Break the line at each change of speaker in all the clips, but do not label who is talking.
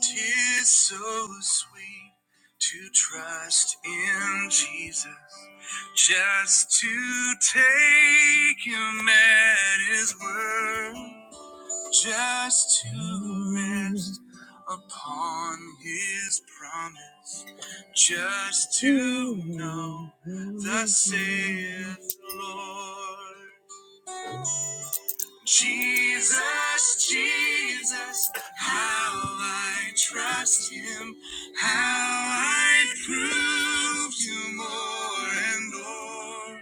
Tis so sweet to trust in Jesus, just to take him at his word, just to rest upon his promise, just to know, thus saith the Lord. Jesus, Jesus, how I trust him, how I prove you more and more.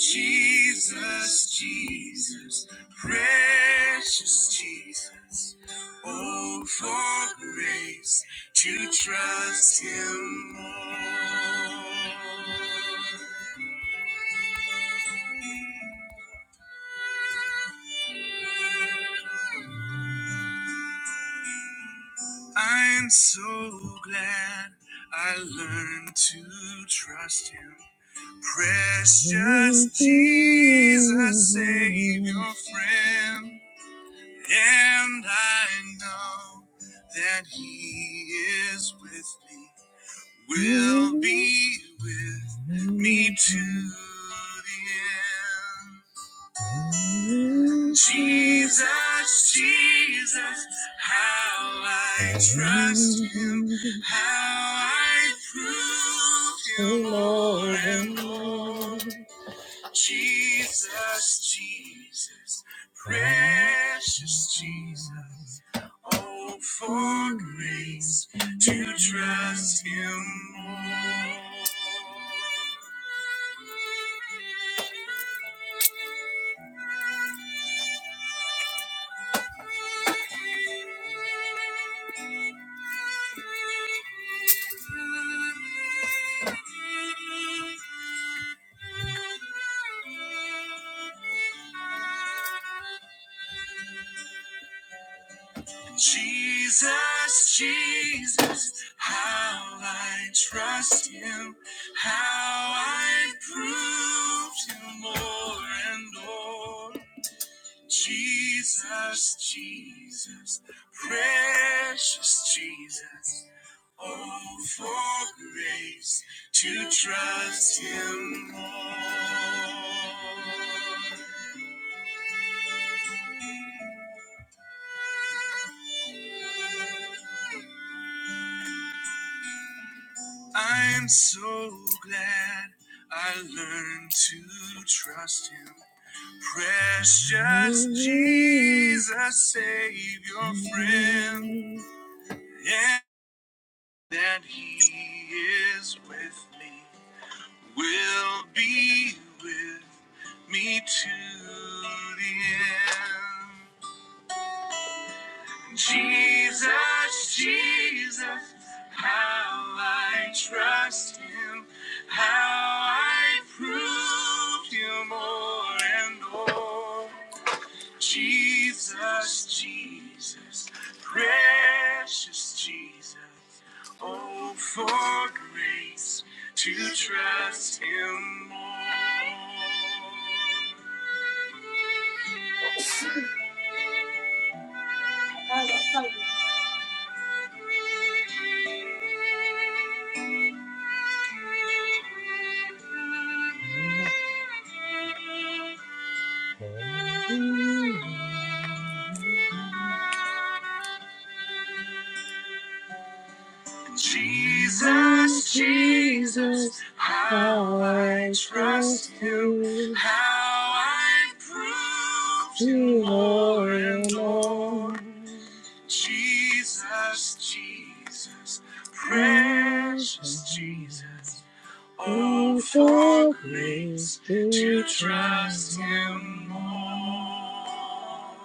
Jesus, Jesus, precious Jesus, oh, for grace to trust him more. I'm so glad I learned to trust him. Precious Jesus, Savior, friend. And I know that he is with me, will be with me to the end. Jesus, Jesus, how I trust him, how I prove him more and more. Jesus, Jesus, precious Jesus. Oh, for grace to trust Him more. Jesus, Jesus, how I trust him, how I prove him more and more. Jesus, Jesus, precious Jesus, oh, for grace to trust him more. I'm so glad I learned to trust him. Precious Jesus, Savior, friend, and that he is with me, will be with me to the end. Jesus, Jesus, how I trust him, how I prove you more and more. Jesus, Jesus, precious Jesus, oh, for grace to trust him more. Jesus, Jesus, how I trust you, how I prove you more and more. Jesus, Jesus, precious Jesus, oh, for grace to trust Him more.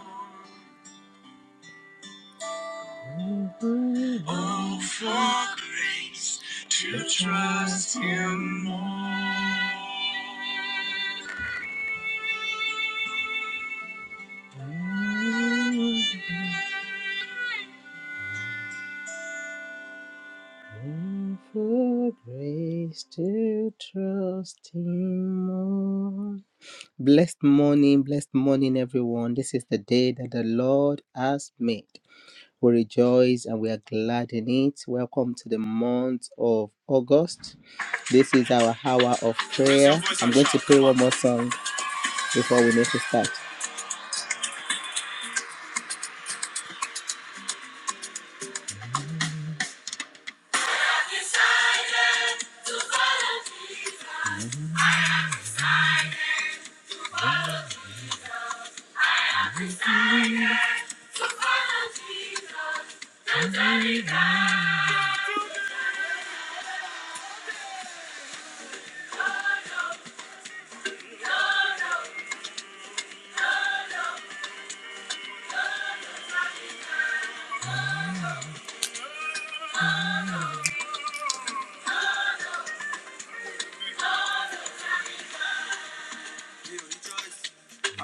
Oh, for grace to trust Him more. And for grace to trust Him more. Blessed morning, blessed morning, everyone. This is the day that the Lord has made. We rejoice and we are glad in it. Welcome to the month of August. This is our hour of prayer. I'm going to play one more song before we make a start.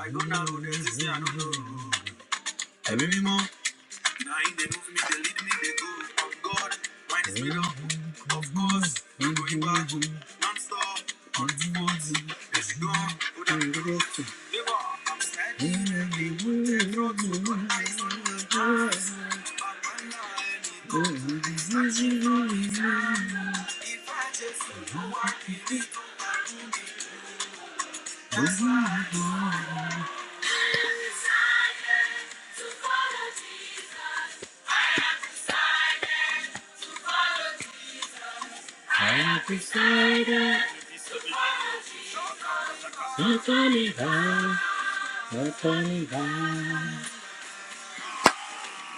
I go now, there's this thing I don't know. Nine, they move me, they lead me, they go. Of God, mine is miracle. Of course, I'm going back. Non-stop, on the she gone. Put up the labor. I'm steady, face on the ground. Back on the line, it goes.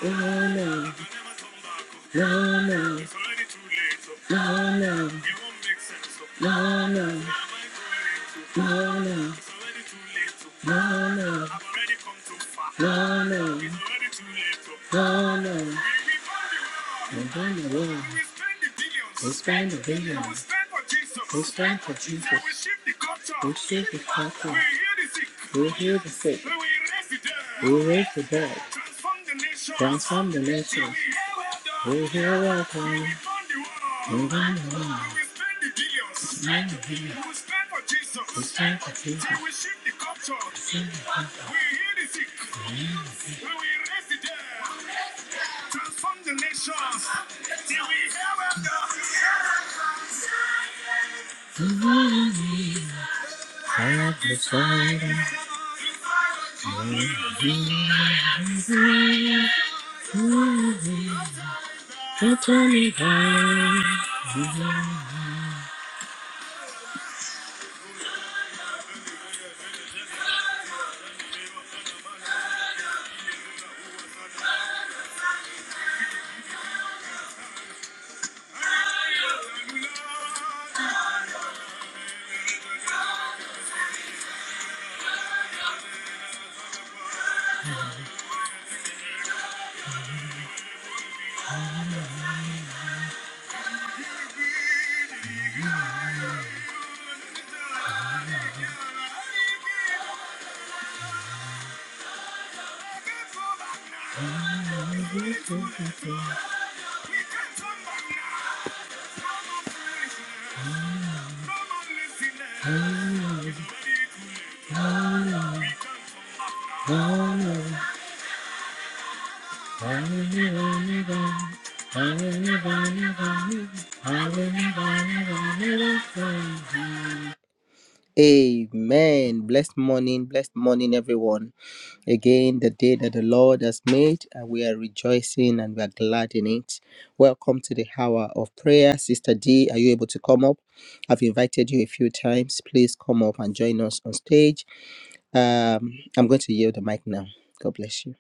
No, no, no, no, It's already too late. no, no, it won't make sense. no, no. No, no. It's already too late. No, no. I've already come too far. No, no. It's already too late. No, no. We spend the billions. We spend the I will spend for Jesus. We spend for Jesus. will shift the culture. We save the We culture. will heal the sick. We heal the sick. We raise the dead. We raise the dead. Transform the nation. Transform the We will nations. heal well done. We heal the we world. Nine billion. We will stand for Jesus. We stand for Jesus. Till we shift the culture. We stand heal the sick. We will raise the dead. Transform the nations. Till we have a We can come back now. Come on, listen. Amen. Blessed morning, blessed morning, everyone. Again, the day that the Lord has made, and we are rejoicing and we are glad in it. Welcome to the hour of prayer. Sister D, are you able to come up? I've invited you a few times. Please come up and join us on stage. Um, I'm going to yield the mic now. God bless you.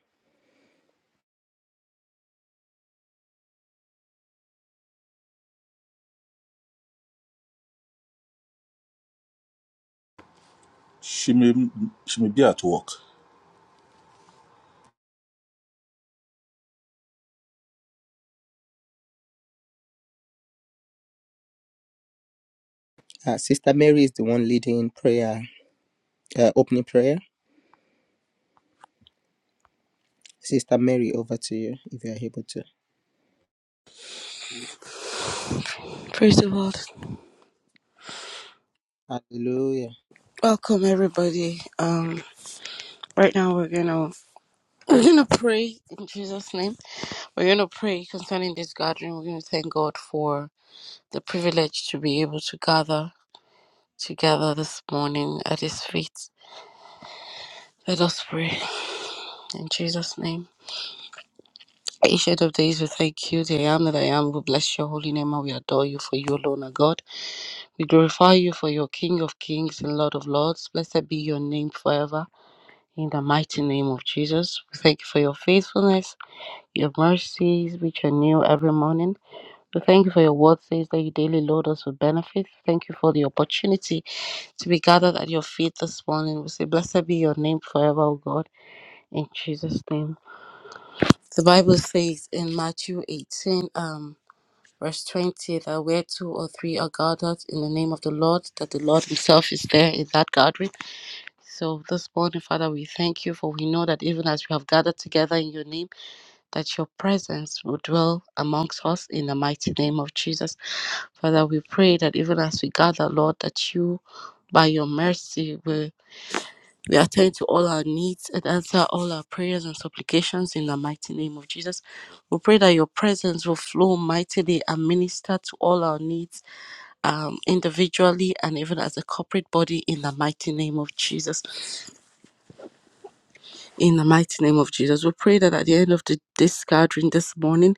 She may she may be at work.
Uh, Sister Mary is the one leading prayer, uh, opening prayer. Sister Mary, over to you if you are able to.
Praise the Lord.
Hallelujah.
Welcome everybody. Um right now we're gonna we're gonna pray in Jesus' name. We're gonna pray concerning this gathering. We're gonna thank God for the privilege to be able to gather together this morning at his feet. Let us pray in Jesus' name. Ancient of days, we thank you, the I am that I am. We bless your holy name and we adore you for you alone, are God. We glorify you for your King of kings and Lord of lords. Blessed be your name forever. In the mighty name of Jesus, we thank you for your faithfulness, your mercies, which are new every morning. We thank you for your word says that you daily load us with benefits. Thank you for the opportunity to be gathered at your feet this morning. We say, Blessed be your name forever, O God, in Jesus' name. The Bible says in Matthew 18, um, verse 20, that where two or three are gathered in the name of the Lord, that the Lord Himself is there in that gathering. So this morning, Father, we thank you for we know that even as we have gathered together in your name, that your presence will dwell amongst us in the mighty name of Jesus. Father, we pray that even as we gather, Lord, that you, by your mercy, will we attend to all our needs and answer all our prayers and supplications in the mighty name of Jesus. We pray that your presence will flow mightily and minister to all our needs um, individually and even as a corporate body in the mighty name of Jesus. In the mighty name of Jesus, we pray that at the end of the, this gathering this morning,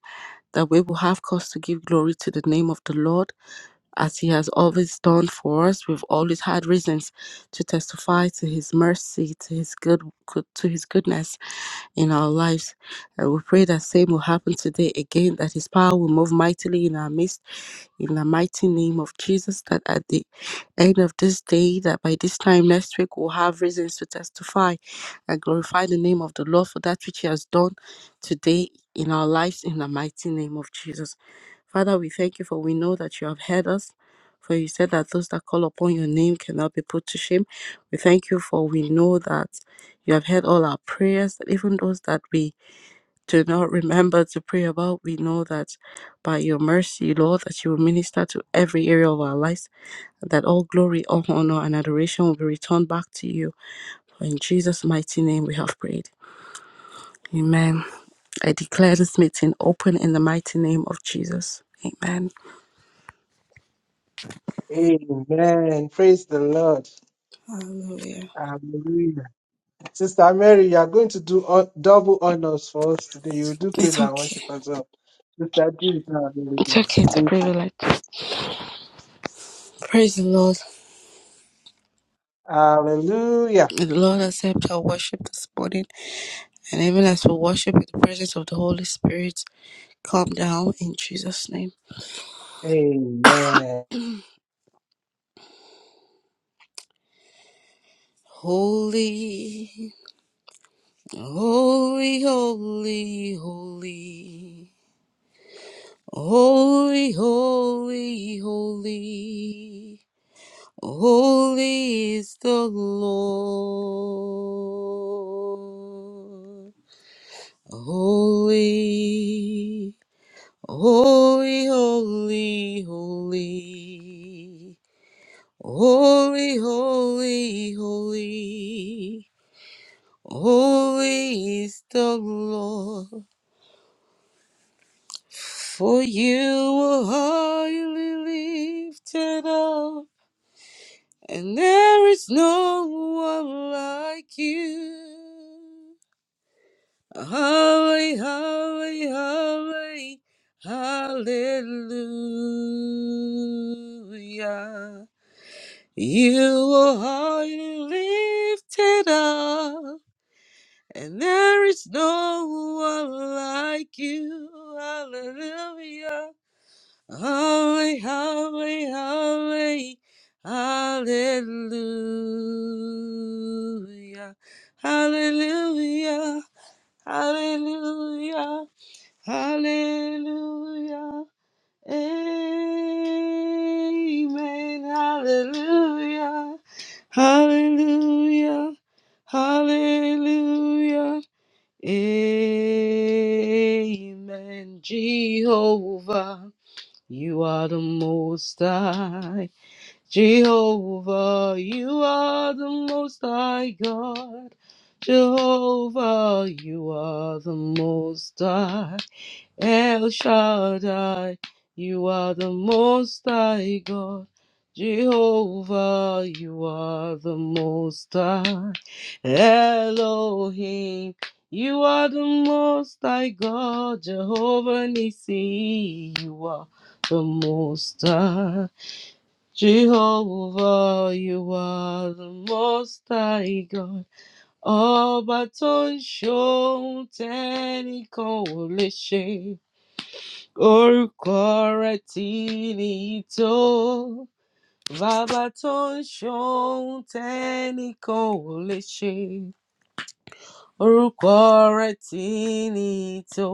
that we will have cause to give glory to the name of the Lord as he has always done for us. We've always had reasons to testify to his mercy, to his good, good to his goodness in our lives. And we pray that same will happen today again, that his power will move mightily in our midst, in the mighty name of Jesus, that at the end of this day, that by this time next week we'll have reasons to testify and glorify the name of the Lord for that which he has done today in our lives in the mighty name of Jesus. Father, we thank you for we know that you have heard us. For you said that those that call upon your name cannot be put to shame. We thank you for we know that you have heard all our prayers, that even those that we do not remember to pray about, we know that by your mercy, Lord, that you will minister to every area of our lives, that all glory, all honor, and adoration will be returned back to you. For in Jesus' mighty name we have prayed. Amen. I declare this meeting open in the mighty name of Jesus. Amen.
Amen. Praise the Lord.
Hallelujah.
Hallelujah. Sister Mary, you are going to do hon- double honors for us today. You do praise
It's
and
okay.
worship as well. Sister G is now
It's
available.
okay. It's a
Thank you.
privilege. Praise the Lord.
Hallelujah.
May the Lord accept our worship this morning. And even as we worship in the presence of the Holy Spirit, calm down in Jesus' name.
Amen.
Holy, holy, holy, holy. Holy, holy, holy. Holy is the Lord. Holy. Holy, holy, holy. Holy, holy, holy. Holy is the Lord. For you are highly lifted up, and there is no one like you. Holy, holy, holy. Hallelujah. You are highly lifted up, and there is no one like you. Hallelujah. Hallelujah. Hallelujah. Hallelujah. Hallelujah. Hallelujah. Hallelujah. Amen. Hallelujah. Hallelujah. Hallelujah. Amen. Jehovah, you are the most high. Jehovah, you are the most high God. Jehovah, you are the most high. El Shaddai, you are the most high God. Jehovah, you are the most high. Elohim, you are the most high God. Jehovah Nissi, you are the most high. Jehovah, you are the most high God. Ọba tó ń ṣohun tẹ́nìkan ò lè ṣe. Orúkọ rẹ̀ tí nìyí tó. Bàbá tó ń ṣohun tẹ́nìkan ò lè ṣe. Orúkọ rẹ̀ tí nìyí tó.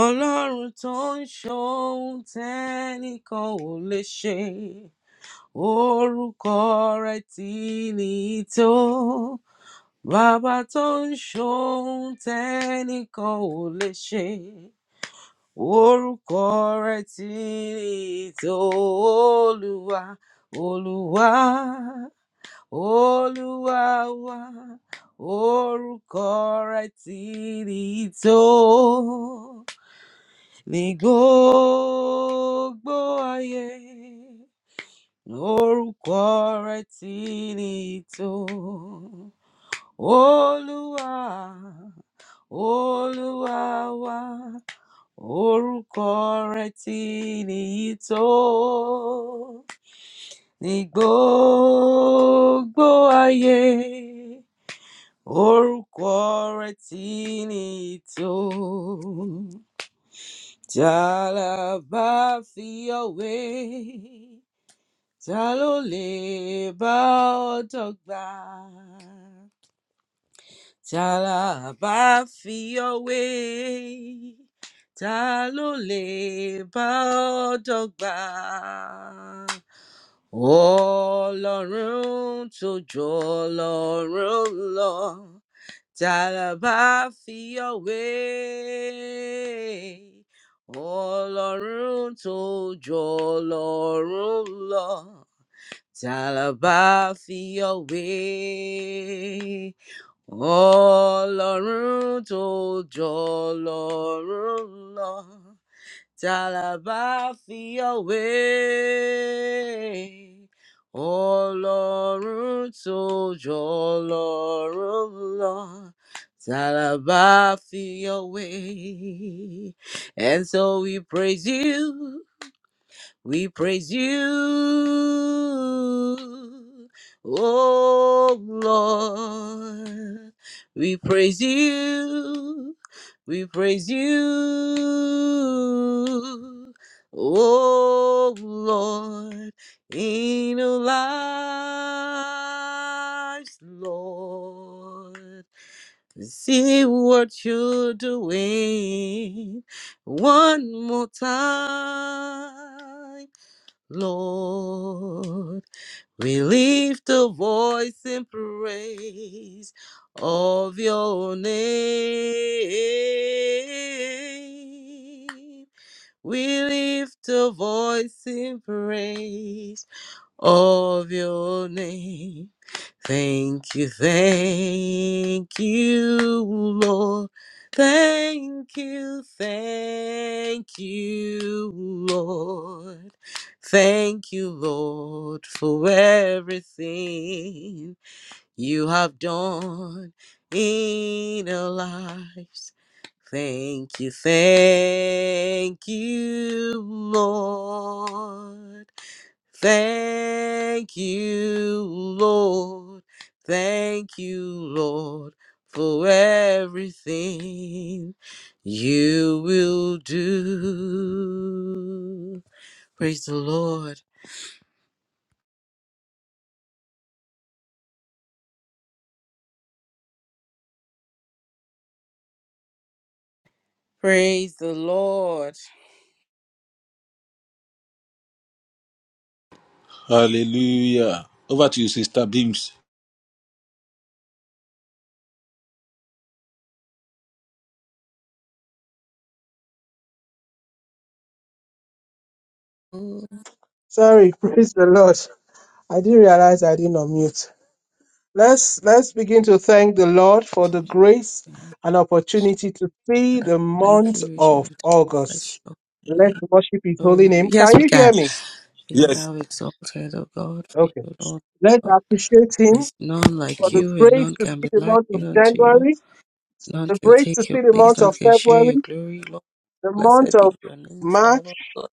Ọlọ́run tó ń ṣohun tẹ́nìkan ò lè ṣe. orúkọ rẹ tí ní tó bàbá tó ń ṣohun tẹ́nìkan ò lè ṣe orúkọ rẹ tí ní tó olúwa olúwa olúwa wa orúkọ rẹ tí ní tó ní gbogbo ayé Orúkọ rẹ̀ tí ní ìtò. Olúwa, Olúwa wa, orúkọ rẹ̀ tí ní ìtò. Ní gbogbo ayé, orúkọ rẹ̀ tí ní ìtò. Tí bá fi ọ̀wé. ta ló lè bá ọ dọ́gba ta la bá fi ọ́ wé ta ló lè bá ọ dọ́gba ọlọ́run tó jù ọlọ́run lọ ta la bá fi ọ́ wé ọlọ́run tó jù ọlọ́run lọ. Tell about your way. Ọlọ́run tó jọ lọ́rùn lọ. Tell about your way. Ọlọ́run tó jọ lọ́rùn lọ. Tell about your And so we praise you. We praise you, oh Lord. We praise you, we praise you, oh Lord, in our lives, Lord. See what you're doing one more time. Lord. We lift a voice in praise of your name. We lift a voice in praise of your name. Thank you, thank you, Lord. Thank you, thank you, Lord. Thank you, Lord, for everything you have done in our lives. Thank you, thank you, Lord. Thank you, Lord. Thank you, Lord, for everything you will do. Praise the Lord. Praise the Lord.
Hallelujah. Over to you, Sister Beams.
Lord,
Sorry, praise the Lord. I didn't realize I didn't unmute. Let's let's begin to thank the Lord for the grace and opportunity to see the
Thank
month
you, Richard.
of
Bless
August.
your
Let's
name.
worship his
Oh,
holy
you-
name.
yes,
Can
we
you
can.
hear me?
Be
Yes.
thou exalted, O God, for you,
Okay.
Lord
Let's
God.
appreciate Him
There's none
Thank
for
like
you,
the
Lord.
you, and
grace
none
to
can
see
be
the month of
likened unto you.
January,
None
the
can
grace to
take your
see the
place.
month
None
of
can share your
February,
glory. Lord,
the
blessed
month
be
of
your name
March,
forever. Lord,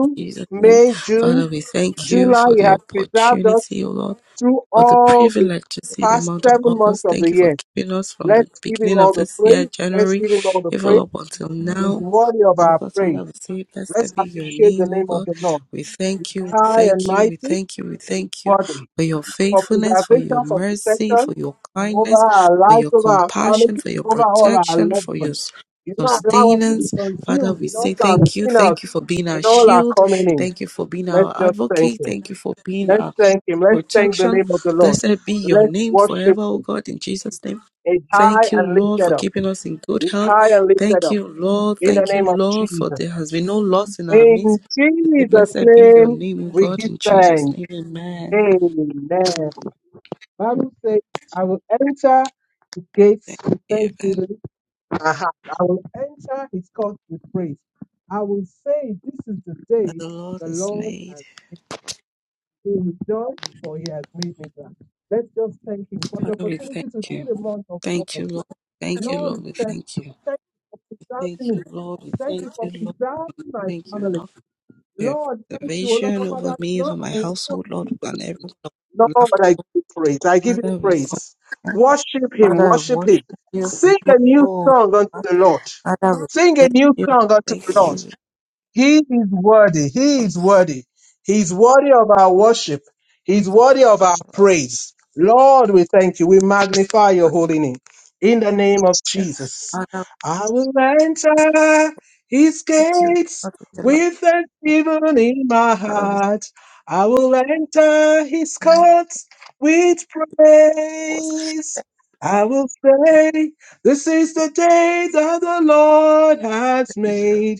in Jesus' name.
May,
Father,
June,
we thank you
July.
for
He
the
has preserved us
opportunity, O Lord,
through
for the
all the
privilege to see the
past
month of
seven months
August.
of
Thank
the
you for
year.
keeping us from the
Let's give Him
beginning of
all the
this year,
praise. Let's
January,
give Him all the
even
praise.
up until
Mm.
He's
now.
worthy of
Oh
our
God,
praise.
Father, we say,
Let's
blessed be your
appreciate the
name, oh
name of
God.
the Lord.
We thank you, we
High and
thank you, we
mighty,
thank you, we
He's
thank you
worthy.
for your
For
faithfulness, for your
preservation, for
mercy,
protection,
for your
over
kindness,
our
for
lives,
your
over our family,
compassion, for your
over all our
protection,
loved
for your
ones.
s-
You don't allow us to be
sustenance. Father,
consumed
we
in all
say
our
thank you.
going out,
Thank you for being
in
our
all our
shield.
coming in.
Thank you for being
Let's
our
just thank
advocate.
Him.
Thank you for being
Let's
our
thank Him. Let's thank the
protection.
name of the Lord.
Blessed be your
Let's
name
worship
forever, O
Him.
God, in Jesus' name.
It's high
Thank you,
and
Lord, for
lifted up.
keeping us in good
It's
health.
high and lifted
Thank
up
you, Lord.
in the
Thank you,
name of
Lord, for
Jesus.
there has been no loss in our
In
midst. We say,
Jesus'
Blessed be your
name,
name, O
we
God,
give
in Jesus'
thanks.
name. Amen.
Amen. Bible says, I will enter the gates
Thank
with
you, Amen.
thanksgiving Aha. I will enter his court with praise. I will say, This is the
that
day
the Lord
the
has
Lord
made.
has been done, for he has made me glad. Let's just thank him for the
Father, we thank
opportunity to see
you.
the month of
Thank you,
August.
Lord. Thank you,
Lord,
Lord. We
we
thank you.
thank you. Thank you for
Thank
preserving me.
you, Lord. We
Thank
thank
you
you,
for
Lord.
preserving my
Thank you
family.
enough for your
Lord, thank you, O
preservation
Lord,
over
Father.
me, over my household,
No,
Lord, and everyone. who
Lord,
laughed
I give you praise. I give you
Father, we thank
praise.
you.
Worship
Father,
him,
I
worship him.
worship you for
Sing
you,
a new
Lord.
song unto
God.
the Lord.
Father,
Sing
we
a
thank
new
you,
song unto the
thank you,
Lord.
we
He is worthy. He
thank
is
you
worthy. He's worthy of our worship. He's worthy of
for
our
the love
praise. Lord, we thank you. We magnify your
for you.
holy name. In the name of Jesus,
Father, we
I will enter his
thank you
gates
for the love.
with thanksgiving in my
Father, we
heart. I will enter his
thank you
courts with
for
praise. I will say, This is the day that the Lord has
the
made.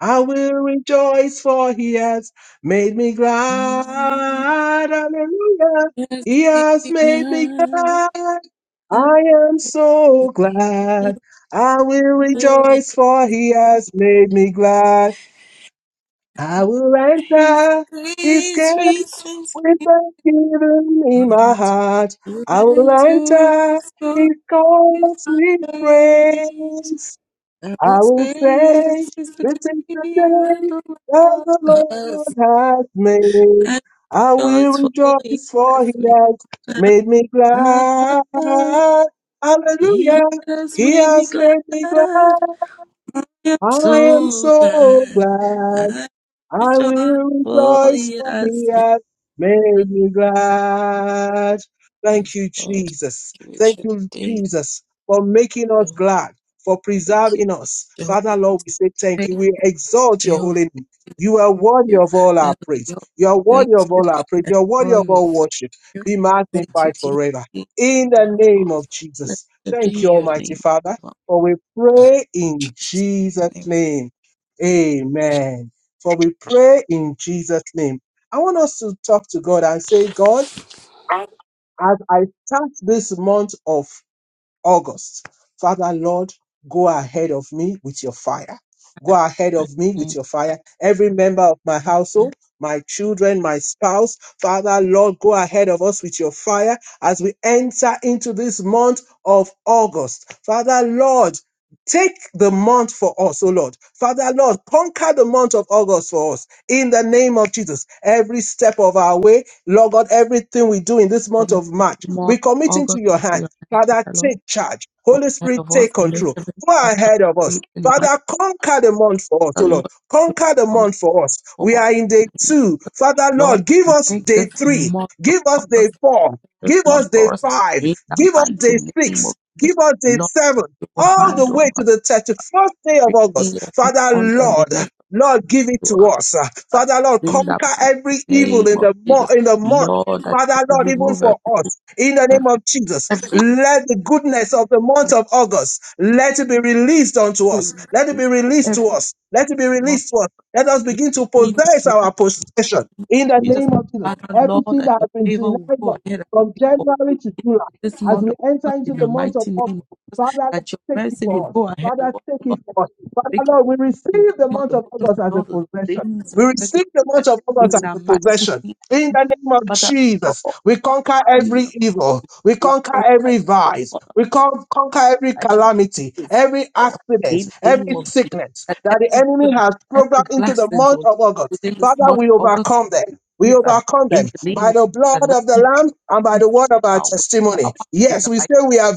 I will rejoice for he has made me glad. Hallelujah.
Yes,
He
be
has made me
glad
glad.
love.
I am so glad. I will
for
rejoice for he has made me glad. I will
His
enter his gate
great reasons,
with thanksgiving in my
God,
heart. I will
and to
enter
His
his
great
courts with praise.
I will
I will
say
say,
this is the
this
day
is the
that
day
the
that
Lord
the Lord
has
has made.
made.
I will
Rejoice for he
rejoice for
has
he
made
has made me
glad.
glad.
He
Hallelujah.
has
He
made me
has
glad.
made me
I
glad.
am
I am
so
so
glad.
glad.
I
I
rejoice
will
for
rejoice
he
for
has
he
made
hath made me
glad.
glad.
Thank
Thank
you,
you,
Lord.
Jesus.
Thank you,
Thank
Richard.
you, Jesus, for making us glad, for
Thank you,
preserving us.
Jehovah.
Father, Lord, we say thank
Thank
you.
you,
We exalt your
Jehovah.
holy name. You are worthy
you
of all
and
our praise.
Lord,
You are
thank
worthy of
you
all our praise.
and
You are worthy of
glory, we
all
thank
worship.
you.
Be
Thank you,
magnified
King,
forever.
King,
In the
Lord of
name
Lords.
of
Let
Jesus.
it be
Thank you,
your
Almighty
name,
Father,
Lord
for we pray in
Jesus. In
Jesus'
the name of
name. Amen. For we pray in Jesus' name. I want us to talk to God and say, God, as I start this month off, August. Father, Lord, go ahead of me with your fire. Go ahead
my
of me with
name,
your fire. Every member of my
and
household, my children, my spouse, Father, Lord, go ahead of us with your fire as we enter into this month of August. Father, Lord, Take the month for us, oh Lord. Father, Lord, conquer the month of August for us in the name of Jesus. Every step of our way, Lord God, everything we do in this
for
month
me,
of March,
more
we commit into
August
your
to be
hands.
your name,
Father,
Father Lord.
take charge.
Go
Holy
ahead
Spirit,
of us
take
and let
control.
every
Go
head
ahead of us.
break in the might
Father, conquer the month for us,
of
oh
the
Lord.
Lord. We
Conquer the
hunger
month for us.
for
We
us
are in
in
day
the name of
two. Father,
Lord,
Lord, give
you
us
make this
day three.
month of
Give us day
August
four.
this
Give
month
us day
for us
five.
in the
Give us
mighty
day
name
six.
of
Give us day
Lord.
seven.
You will
All
hand
the way
over.
to the 31st day of August.
freely and
Father,
under the
Lord,
life
Lord, give it
of
to
our
us.
God.
Father, Lord,
In the
conquer
mighty
every evil
name
in
of
the month,
Jesus,
in the month.
Lord, that you
Father
will
Lord, even
remove
for us, in the name
every,
of Jesus,
every,
let the goodness of the month
every,
of August, let it be released unto
every
us. Let it be released
every
to us. Let it be
demon
released to us. Let us
you
begin to
release
possess
unto us,
our possession in the
Jesus.
name of Jesus.
Father, Lord,
Everything
that
that
your
has been
favor will go
denied us
ahead and
from
speak for
January to
us
July,
this
as
month
we
of
enter
August,
into
in
the
the
month of
mighty name
August,
of Jesus,
Father Lord,
that your
take it
mercy will
for us.
go ahead of
Father,
us,
take it
Lord,
for us. Father
speak
Lord, we
in this
receive the
month
month
of
of
August
August
and
as a
all the
possession.
things of
We receive the
2025
month of August
in
as
the
a
mighty
possession.
name,
In the name of
Father,
Jesus, we conquer
Lord,
every evil. We conquer
oh
every
my
vice.
God.
We con- conquer every
at your
calamity,
feet,
every
Lord,
accident,
in the name
every
of Jesus.
sickness
That
that the
every
enemy
goodness,
has
every
programmed into the
blessing,
month
Lord,
of August.
within this
Father,
month
we
of August,
overcome them. We
give them
overcome them
in the name
by
of
the
Jesus. That
blood of
nothing
the
but
Lamb and by
things
the
in
word of our
our way, in our
testimony.
path, in
Yes,
the
we
mighty
say we are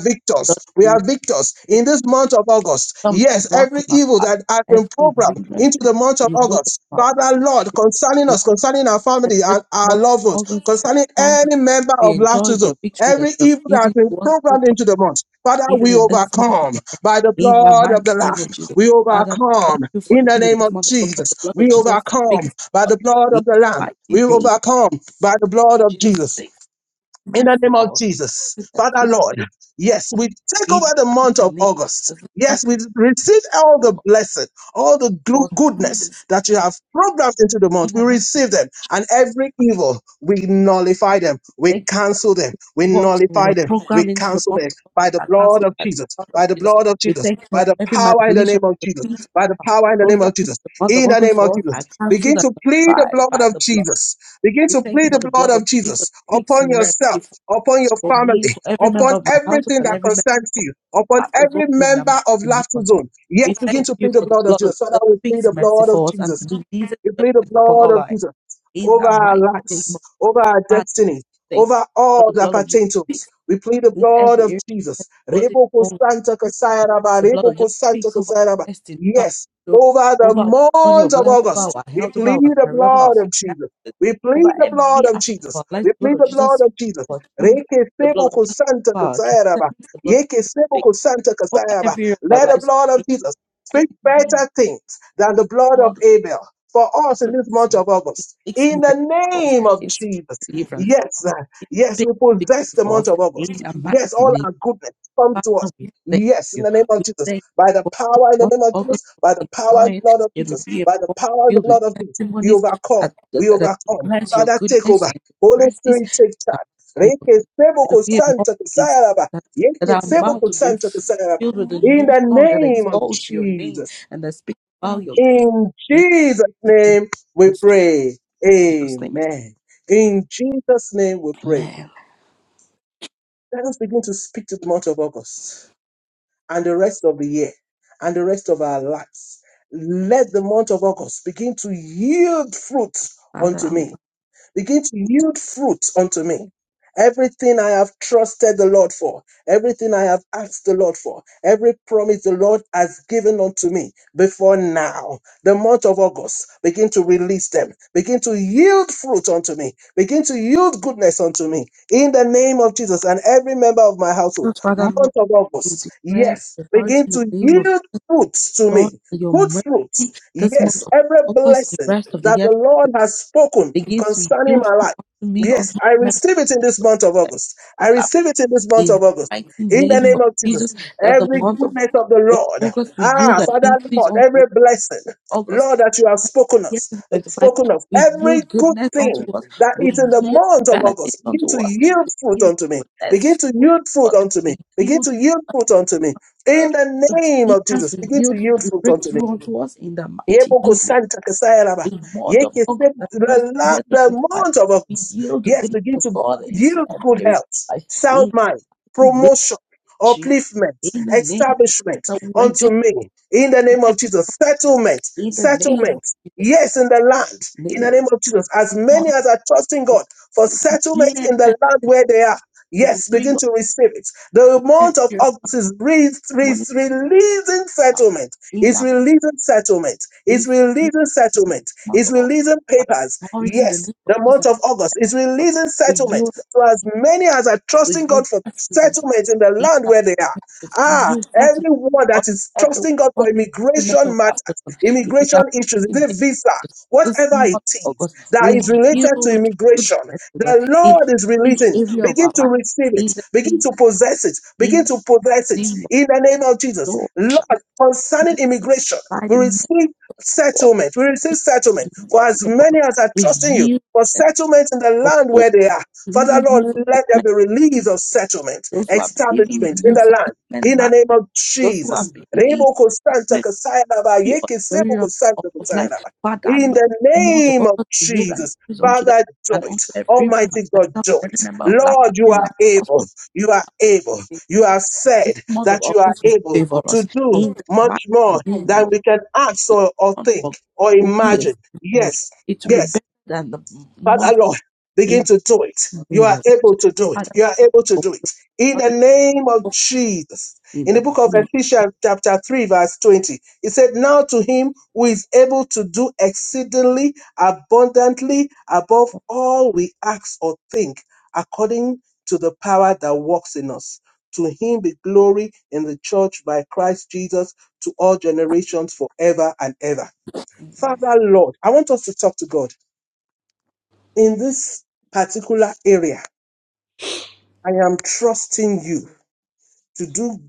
God,
victors. We
you
are victors in
remove
this month of August.
something
Yes,
brought
every
from our
evil
path.
that has been
Every
programmed
hindrance,
into the month of
you remove it
August,
from our
Father
path.
Lord, concerning
May-
us, concerning our
That
family
this
and our
month
loved ones,
of August, we
concerning
conquer,
any member
we
of
enjoy
Laughter
the
Zone,
victory that
every
you have
evil that has
given
been
to us through
programmed
Christ,
into the month, Father,
even
we
in this month of
overcome by the
In the
blood
mighty
of the
name of
Lamb.
Jesus.
We
Father, we thank
overcome
you for
in the
even in
name
this
of
month of August, the
Jesus.
blood of
We
Jesus
overcome
speaks.
by the blood
In
of the
the
Lamb
mighty
we
name,
overcome by the blood of
Jesus
Jesus.
speaks
In the
mercy
name of
for us.
Jesus,
Jesus
Father
speaks
Lord,
faith.
yes, we take
In
over
the
the month
mighty
of
name,
August.
as the blood of
Yes, we receive all
the
the
Lord
blessing, all the
for
glu-
us,
goodness
Jesus.
that you have programmed into the month.
In
We
the name,
receive them, and every evil, we nullify them, we
thank you for
cancel them, we
walks, O
nullify
Lord.
them, we
Program into the
cancel
month
them
of
by
August
the
that
blood
cancels
of
by the
Jesus,
blood of
by the
Jesus.
blood of
We
Jesus,
thank you
by
for
the
every
power in the
manipulation
name of
of
Jesus,
the feet.
by the power in the name
Program
of
into
Jesus,
the month of
in the name
August
of
for us
Jesus.
are
Begin
cancelled and
to plead the
nullified
blood
by
of
the blood.
Jesus. Begin
We
to
thank you
plead
for
the
the
blood
blood of
of
Jesus
Jesus
speaks
upon
mercy
yourself
for,
upon your
for me,
family,
for every member
upon
of my household
everything
and
that
every member
concerns
of
you,
the
upon
household
every
in the
member of
mighty name
Laughter
of Jesus.
Zone.
We
Yes, begin
thank
to
you
plead the
for the
blood of
blood of
Jesus. Father,
Jesus
we plead
speaks
the
mercy
blood of
for us and
Jesus.
to be Jesus
We plead the
upon
blood
all
of
our
Jesus
in
over
the
our
mighty name of
lives, over our
God.
destiny,
Thank you
over
for
all
the
that
blood of Jesus
pertains to
speaks
us. We plead the
with
blood
every
of
area of
Jesus.
the body,
Reboko
soul, and
Santa
spirit,
Kasaya
that
Raba,
the blood of Jesus
Reboko Santa
speaks over
Kasaya
our
Raba.
destiny, over our
Yes, over the
glory, over our journey
month
of
of
life, over
August,
our
we
health, over
plead
our
the
career, over our
blood of Jesus.
finances,
We
over
plead the blood
every
of
aspect of
Jesus.
our life.
We
The blood
plead
of
the
Jesus
blood
speaks
of Jesus.
for our children,
Reke
the blood
sebo
of
ko
Jesus speaks
santa
for our
kasayaraba.
concerns, the blood
Yeke sebo
speaks
ko santa
over
kasayaraba.
every area of
Let
our
the
lives.
blood of
In
Jesus
every
speak
name. The
better things than the blood of
blood
Abel for us in this
protects
month
us,
of August.
it speaks
In the
miracles,
name of
it speaks
Jesus.
deliverance,
Yes, sir.
it
yes,
speaks
we possess
victory
the
for
month
us.
of August.
In the mighty
Yes, all
name
our goodness come to us.
Father, we thank
Yes, in
you.
the name of
We
Jesus.
thank you
By the
for this
power in the
month
name of
of
Jesus,
August.
by
We
the power
enjoy
in the
it.
blood of
It will
Jesus,
be a
by the
month
power in the
filled with
blood of Jesus, we
testimonies
overcome.
that, that,
We
that,
overcome.
declares your
Father, take
goodness
over.
and your
Holy
mercies.
Spirit, take
in the
charge.
mighty name of Jesus.
Rekesebo
It will be a month
kusanta
that, is-
kusaraba.
that that our
Yekesebo
mouth will be
kusanta kusaraba.
filled with a
In
new
the
song that
name of
exalts your name
Jesus.
and that speaks about your
In
deity.
Jesus'
In
name we pray.
Jesus' name,
Amen. In Jesus' name we pray.
amen.
Let us begin to speak to the month of August and the rest of the year and the rest of our lives. Let the month of August begin to yield fruit
Father,
unto
in
me Begin to yield fruit unto me. Everything I have trusted the Lord for, everything I have asked the Lord for, every promise the Lord has given unto me before now, the month of August, begin to release them, begin to yield fruit unto me, begin to yield goodness unto me in the name of Jesus and every member of my household.
Jesus, Father, Lord,
Month of
you
August,
declare
yes,
the authority
begin
in the
to
name of
yield fruits to
Lord,
me,
by your
good
mercy,
fruits,
this month
yes,
of
every
August, the
blessing
rest of the
that
year,
the Lord has spoken
begins to
concerning
yield
my
fruit
life.
unto me on
Yes,
the
I
remembrance
receive it in this month of August. I
of love.
receive it in this month
In the
of August.
mighty
In the
name
name
of
of
Jesus,
Jesus,
that the
every
month of
goodness of the Lord,
August we yield
ah,
an
Father
increase
Lord,
unto
every
us.
blessing,
August,
Lord, that you have spoken
yes,
us,
and 25,
spoken of,
we
every
yield
good
goodness unto
thing
us.
that is
We
in the
yield
month of
benefits
August, begin
unto
to
us.
yield
We
fruit
yield
unto me.
goodness
Begin to
fruit
yield
unto
fruit
us.
unto me.
We
Begin
yield
to yield fruit unto me.
uh,
In the name of
deliverance.
Jesus,
We
begin to
yield
yield fruit unto me.
breakthrough unto us in the mighty
Yeboko
name
Santa Kasayaraba.
a month of
Yeke
August
sep-
and the rest of
The
the
la-
year
the
2025.
amount of
We
us,
yield the
yes,
goodness
begin
of
to
God into
yield
every
good
area
health,
of life.
sound
In
mind,
the name of
promotion,
Jesus,
upliftment,
in the name
establishment
that we enjoy
unto me. In the name
life,
of Jesus, settlement,
in the name of
settlement.
Jesus,
Yes, in the land, in
name
the
of
name of Jesus, as
God,
many as are trusting God for
it will
settlement
hear,
in the land where they are.
it will
Yes,
bring
begin
up
to receive it. The
in every
amount of
area of life,
August is re- re-
money,
releasing
now,
settlement
in
it's
that
releasing settlement. It's
this in
releasing
the
settlement.
month
It's
of August.
releasing
By
papers.
authority, in the
Yes,
name of
the month
Jesus,
of August is releasing
we
settlement.
yield,
So as many as are
we
trusting
yield
God for
blessings unto
settlement in the
in
land where they are. Ah,
that
everyone that
all
is
everyone
trusting God
all
for
every member
immigration
of our
matters,
person in the
immigration
mighty
issues, is
name of
it visa,
Jesus. This
whatever
month
it
of
is
August
that
will
is
yield
related to
fruitfulness,
immigration.
O Lord,
The
in
Lord is
every
releasing.
area of our
Begin to
life.
receive it.
In the
Begin
name,
to possess it.
in
Begin to possess
the
it
name of
in the name of Jesus.
God, shall
Lord,
be
concerning immigration,
by
we
the miracle
receive
of
settlement. We receive
this
settlement for as
month of
many
August.
as are
We
trusting you
yield
for
that
settlement in the
for
land
those
where they are. Father
believing
Lord,
you for
let there
settlement,
be release of settlement,
those who are believing
establishment
in
in
you
the
for
land.
settlement,
In the
marriage,
name of
those who are
Jesus. Rebo Kosanta
believing
Kasaya Raba,
Every of
Yeke Sebo
area of, of
Kosanta
of
Kasaya
life.
Raba.
Father,
In
Lord,
the
more
name
of
of
us to yield and
Jesus.
increase unto them,
Father, do
And unto
it.
every
Almighty God,
myself,
do
every
it.
member of Laughter
Lord, you
Zone and
are able.
household,
You are able.
may
You have
this
said
month of
that you are
August will
able
favor us.
to do
In the mighty
much more
name
than
of the
we can ask or, or
month of
think or
August will be a good
imagine.
month.
Yes,
It will be
yes.
better than the month
Father Lord, begin
in
to do it.
the
You
name
are
of
able to do it.
Father.
You are able to
of
do it. In the
God,
name of Jesus.
In
In the
the
book of
name
Ephesians, chapter 3, verse 20, it said, Now to him who is able to do exceedingly abundantly above all we ask or think, according to the power that works in us. To him be glory in the church by Christ Jesus to all generations forever and ever. Father Lord, I want us to talk to God in this particular area, I am trusting you to do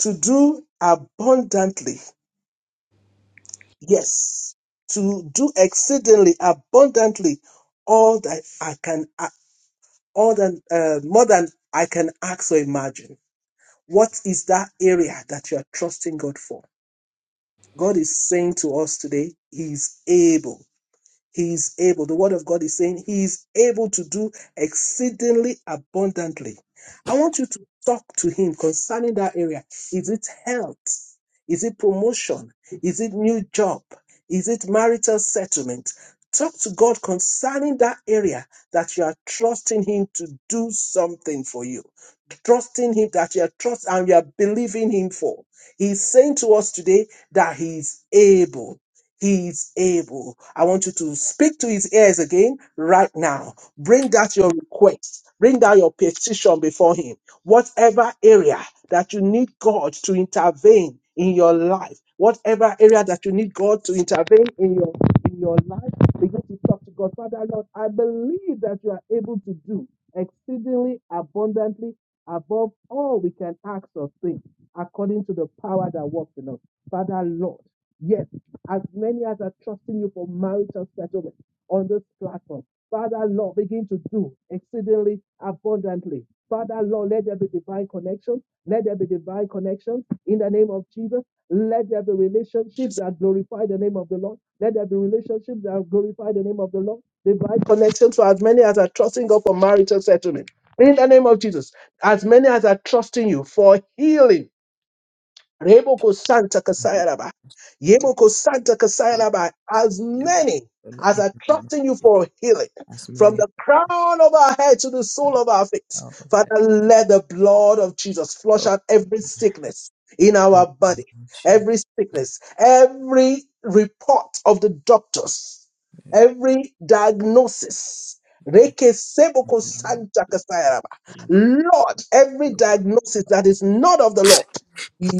to do abundantly. Yes, to do exceedingly abundantly all that I can uh, all than uh, more than I can ask or imagine. What is that area that you are trusting God for? God is saying to us today, He is able. He is able. The word of God is saying he is able to do exceedingly abundantly. I want you to talk to him concerning that area. Is it health? Is it promotion? Is it new job? Is it marital settlement? Talk to God concerning that area that you are trusting him to do something for you. Trusting him that you are trust and you are believing him for. He's saying to us today that he is able. He is able. I want you to speak to his ears again right now. Bring out your request. Bring out your petition before him. Whatever area that you need God to intervene in your life, whatever area that you need God to intervene in your in your life, begin to talk to God. Father Lord, I believe that you are able to do exceedingly abundantly above all we can ask or think, according to the power that works in us. Father Lord. Yes, as many as are trusting you for marital settlement on this platform. Father, Lord, begin to do exceedingly abundantly. Father, Lord, let there be divine connections. Let there be divine connections in the name of Jesus. Let there be relationships that glorify the name of the Lord. Let there be relationships that glorify the name of the Lord. Divine connections for as many as are trusting God for marital settlement. In the name of Jesus, as many as are trusting you for healing Reboko Santa Kasayaraba. Yeboko Santa Kasayaraba. As
deliver us,
many
O Lord,
as
in
are
the name
trusting you
of Jesus.
for healing,
As
from
many as
the crown of our head to the
are
sole of our feet,
out of
Father,
life.
let the blood of Jesus flush
Oh,
out every
in
sickness in
the
our
name
body,
of Jesus.
every sickness, every report of the doctors,
In
every diagnosis.
the
Reke seboko
name of
Santa
Jesus.
Kasayaraba.
May you cry
Lord, every
your blood.
diagnosis that is not of the Lord.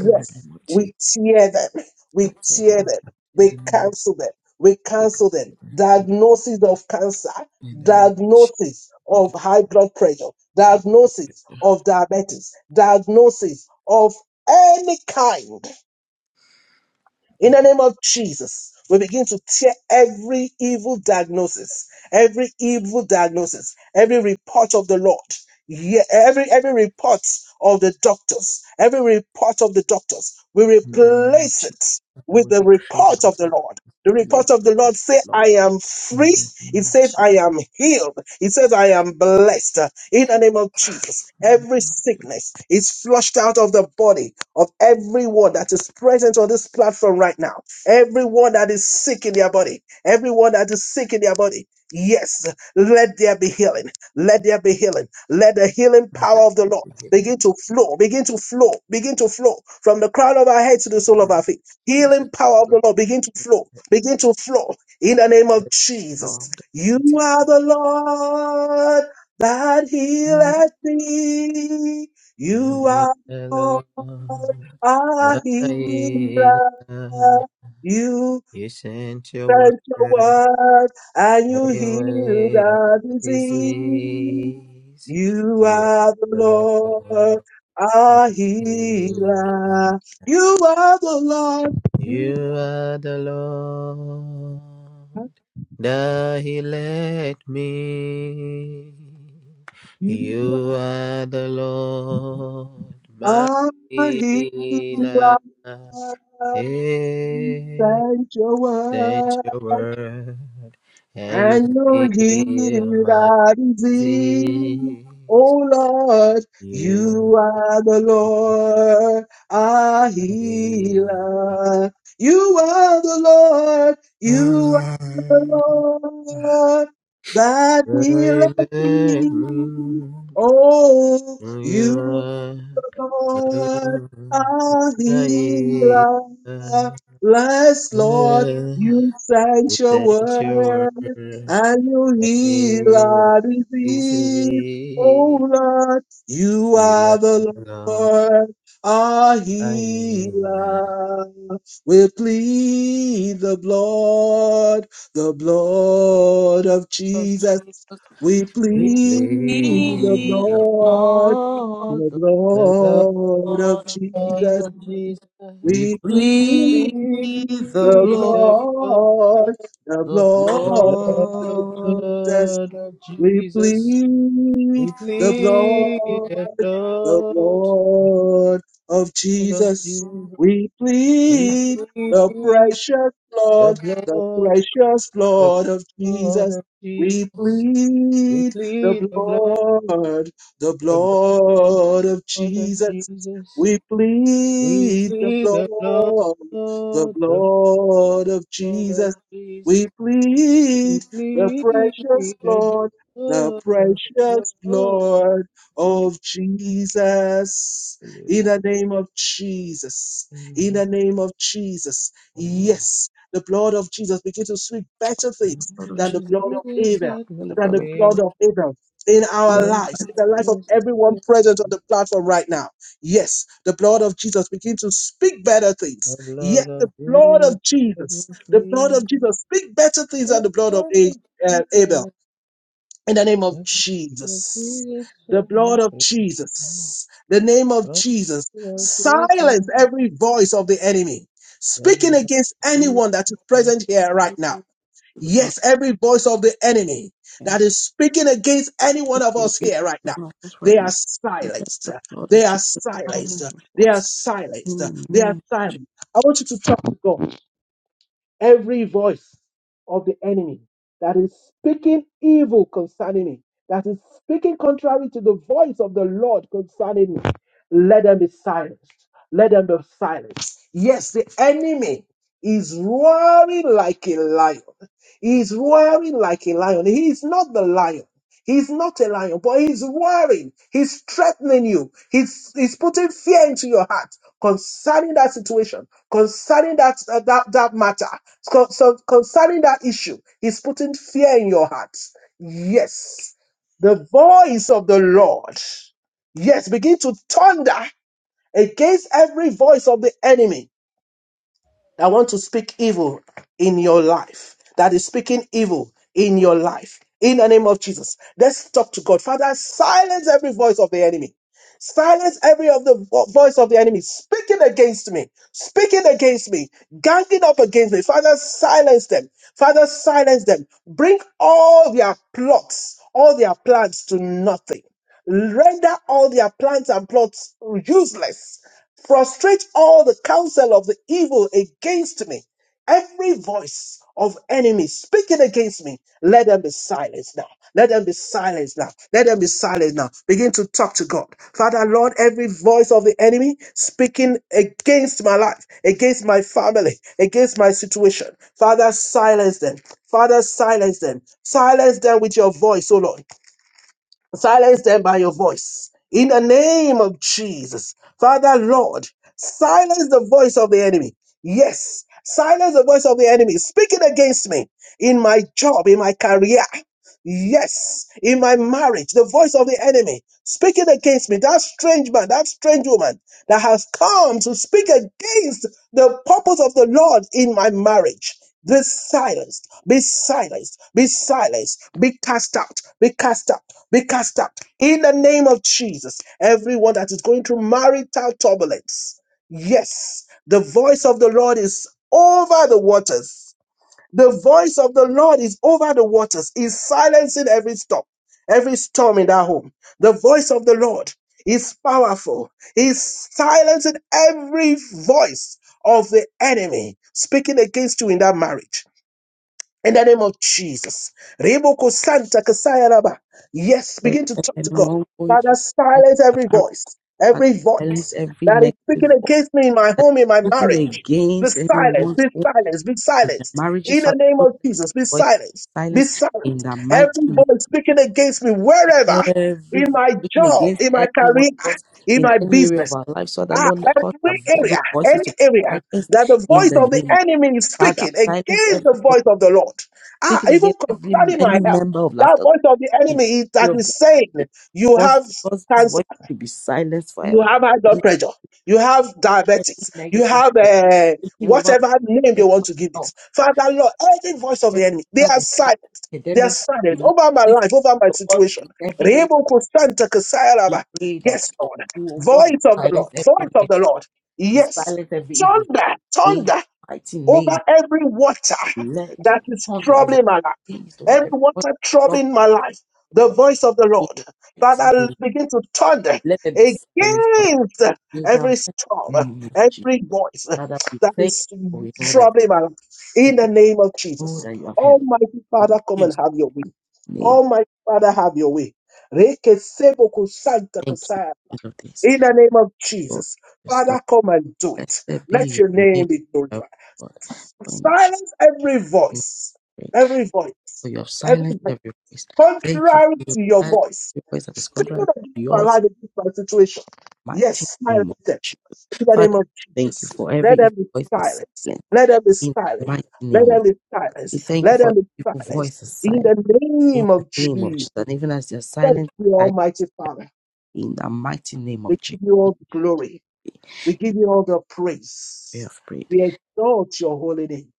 In the name of Jesus.
we tear them. We
Outside
tear
them.
them.
In the
We
name of
cancel them. We cancel them.
Jesus.
Diagnosis of cancer,
In the name of Jesus.
diagnosis of
Over
high blood pressure, diagnosis
here.
of diabetes, diagnosis of any kind in the name of Jesus, we begin to tear every evil diagnosis, every evil diagnosis, every report of the Lord, yeah, every every report of the doctors, every report of the doctors. We
In the name of
replace
Jesus.
it
I
with
will
the
decree and
report of the
declare
Lord. The
the lady
report of
of
the Lord say,
Lord.
I am
In
free.
the name
It
of
says,
Jesus.
I am healed. It says, I am blessed. In the name of Jesus,
In the
every
name of Jesus.
sickness is flushed out of the body of everyone that is present on this platform right now, everyone that is sick in their body, everyone that is sick in their body. Yes, let there be healing. Let there be healing. Let the healing
my God,
power of the Lord
we heal
begin
In
to flow, begin to flow, begin to flow from the crown of our head to the sole
the
of
name of
our feet.
Jesus.
Healing power of the Lord begin to flow,
Lord.
begin to flow in the name of
the
Jesus. You
mighty.
are the Lord that healeth thee. You
You are
are
the Lord, my
healer.
Elohim.
You
You sent your word
sent your word and you heal
away my
the disease.
disease.
You
You are
are the
the
Lord,
Lord, my
our
healer.
healer. You are the Lord. You
You are the Lord.
are,
that he led me.
you
You are the Lord, my
are our
healer.
healer. You
Hey,
sent your word.
sent your word, and you
and your
heal my
healing is
disease.
Oh Lord,
You
you are the Lord, our
are healer.
healer. You are the Lord, you are the Lord, that
Will He
healeth
let
me.
me?
Oh,
You
you
are the
Lord,
Lord.
our
You
healer.
said
Bless, Lord, you sent your
your word,
word
and
and you
it
heal
is
our disease. Oh,
easy.
Lord, you
You
are
are
the
the Lord,
Lord, our
I am.
healer. We plead the blood, the blood of
of
Jesus.
Jesus,
We
we will
plead the
be the
blood
Lord,
the
the
The blood
blood of
Lord. of Jesus.
Jesus,
of Jesus,
We
we
plead
plead
plead
the
the
the
blood,
blood,
blood, the
the
the
blood of
blood,
Jesus,
blood of
we
Jesus.
plead
We
the
plead
blood,
the
the
blood
blood of
of Jesus.
Jesus. We
We
plead
plead
the precious
the
blood, the
blood.
precious
the
blood of
blood
Jesus.
of
We
Jesus. We
plead the
plead the blood,
blood, the
the blood
blood of
of
Jesus.
Jesus.
We
We
plead the
plead the blood,
blood, the
the
blood of
blood of
Jesus. We
Jesus. We
plead the
plead the
precious blood
blood,
the
the blood
precious
of
blood
Jesus.
of Jesus. In
Amen.
the name of Jesus. In the name of Jesus.
Amen.
Yes, the blood of Jesus begins to speak better things
blood of
than the
Jesus,
blood
He
of Abel,
set me
and the
than
blood
the
of
free
blood of Abel in
the
our
from
lives, in the life of
this.
everyone present on the platform right now. Yes, the blood of Jesus begins to speak better
The
things. Yes,
blood
the
of
blood
Jesus
of
set me
Jesus, the blood
free.
of Jesus speak better things than
The
the blood of
blood
A-
of
uh, Abel
Jesus.
in the name of
The
Jesus.
Jesus
The
set me
blood of
free from
Jesus. The name of Jesus.
the
Silence
Creator.
every voice of the enemy speaking
that
against
my
anyone that is present here right now.
blood
Yes, every voice of the enemy that
and
is speaking against any one of
we
us
plead
here right
the
now.
blood
They
right
are
now. Let
silenced.
the blood
They
of
are
Jesus
silenced.
silence those
They are
voices
silenced.
in the
They are
name of Jesus.
silenced. I want you to talk to God every voice of the enemy that is speaking evil concerning me, that is speaking contrary to the voice of the Lord concerning me, let them be silenced. Let them be silenced. Yes, the enemy is roaring like a lion. He is roaring like a lion. He is not the lion. He's not a lion, but he's roaring. He's threatening you. He's, he's putting fear into your heart concerning that situation, concerning that, that, that matter. So, so concerning that issue, he's putting fear in your hearts. Yes, the voice of the Lord. Yes, begin to thunder against every voice of the enemy that want to speak evil in your life, that is speaking evil in your life. In the name of Jesus, let's talk to God. Father, silence every voice of the enemy. Silence every of the vo- voice of the enemy speaking against me, speaking against me, ganging up against me. Father, silence them. Father, silence them. Bring all their plots, all their plans to nothing. Render all their plans and plots useless Frustrate all the counsel of the evil against me. Every voice of enemies speaking against me, let them be silenced now. Let them be silenced now. Let them be silenced now. Begin to talk to God. Father, Lord, every voice of the enemy speaking against my life, against my family, against my situation, Father, silence them. Father, silence them. Silence them with your voice, oh Lord. Silence them by your voice. In the name of Jesus. Father, Lord, silence the voice of the enemy. Yes, silence the voice of the enemy speaking against me in my job, in my career. Yes, in my marriage, the voice of the enemy speaking against me, that strange man, that strange woman that has come to speak against the purpose of the Lord in my marriage. Be silenced, be silenced, be silenced, be cast out, be cast out be cast out in the name of Jesus. Everyone that is going through marital turbulence, yes, the voice of the Lord is over the waters. The voice of the Lord is over the waters, is silencing every storm, every storm in that home. The voice of the Lord is powerful, is silencing every voice of the enemy speaking against you in that marriage in the name of Jesus. Riboko Santa Kasaya Raba. Yes,
Let
begin to talk to God.
anyone going
Father,
through that
silence every
marriage,
voice,
Father,
every
silence
voice
every
that is
negative
speaking
voice
against me in my
that
home, in my
is speaking
marriage. Be
against
silenced,
anyone.
be silenced, be
and their
silenced.
marriages,
In the
Father
name
Lord,
of
let
Jesus, be
those voices be
silenced, be
silenced in
silenced.
the mighty
Every
name
voice speaking
of
against me, wherever,
Jesus. Every
in
voice
my
speaking
job,
against
in my
any one
career,
of us
in
in
my
any area
business,
of our lives, Father
Ah,
Lord, let cause the
every
vo- those
area,
voices
any
to be
area
silenced
that the
in
voice
the
of the
name of
enemy is
Father.
speaking
Silence
against
every
the
voice
voice of the Lord. Ah,
speaking
even
against every
concerning my
any
health,
member of
that
laughter
voice of the
in
enemy is
every area
that
of their
is saying
life.
you
Cause
have
cause this
cancer
voice to be silenced
you
forever.
have high blood pressure, you have
Every
diabetes, you
negative
have
voice
uh,
speaking over
whatever name they
anyone
want to give it.
else.
Father, Lord, every voice of
whether
the enemy, they are
the health
silent. They are
academics,
silent
finances,
over my life, over my
the work
situation.
in every area.
Rebo Kostanta
We
Kasayaraba.
pray
Yes,
that you,
Lord.
oh God, will
Voice of the
silence
Lord, voice
every
of the
negative,
Lord.
will
Yes.
silence every evil.
Thunder,
In the
thunder
mighty
over
name,
every water
let
that
your
is
thunder, O Lord,
troubling my life,
please over
every
everyone,
water
drop
troubling my life,
the
the
word of
voice of the
in
Lord.
the mighty
Father,
name.
begin to thunder
Let them be silenced by
against
in the
every
mighty
storm,
name of Jesus.
every voice
Father, we
that
thank
is
you, for we know that
troubling my life.
we
In
thank
the name of
you Lord,
Jesus.
that you have heard us.
Almighty
In
Father, come and
Jesus'
have your way.
name,
Almighty Father, have your way. Reke sebo kusanta
thank you.
kusaya.
End of this.
In the name of Jesus.
Lord,
Father, come and do it.
Blessed
Let
be
your
your name,
name be
O
glorified.
Lord, for in Jesus'
Silence every
name
voice,
we pray.
every
For
voice,
you have
every
silenced
voice,
every voice. Thank you
contrary
for your
to your
silence,
voice,
every voice that is
speaking
contrary
against
to
my
yours,
life, against my situation.
in the mighty
Yes, silence
name of
them
Jesus.
in the name
Father,
of
we thank you
Jesus.
for every
Let them
evil
be
voice is
silenced.
silent
Let them be
in the
silenced.
mighty
Let
name of
them be
Jesus. We
silenced.
thank you
Let
for
them
every
be
evil
silenced
voice is
in
silent
the
in
name
the
of
name of
Jesus.
Jesus. And even as they are
Thank
silent,
you,
I-
Almighty Father.
in the mighty name of
We
Jesus,
give you all the glory. We give you all the praise.
we have prayed.
We exalt your holy name.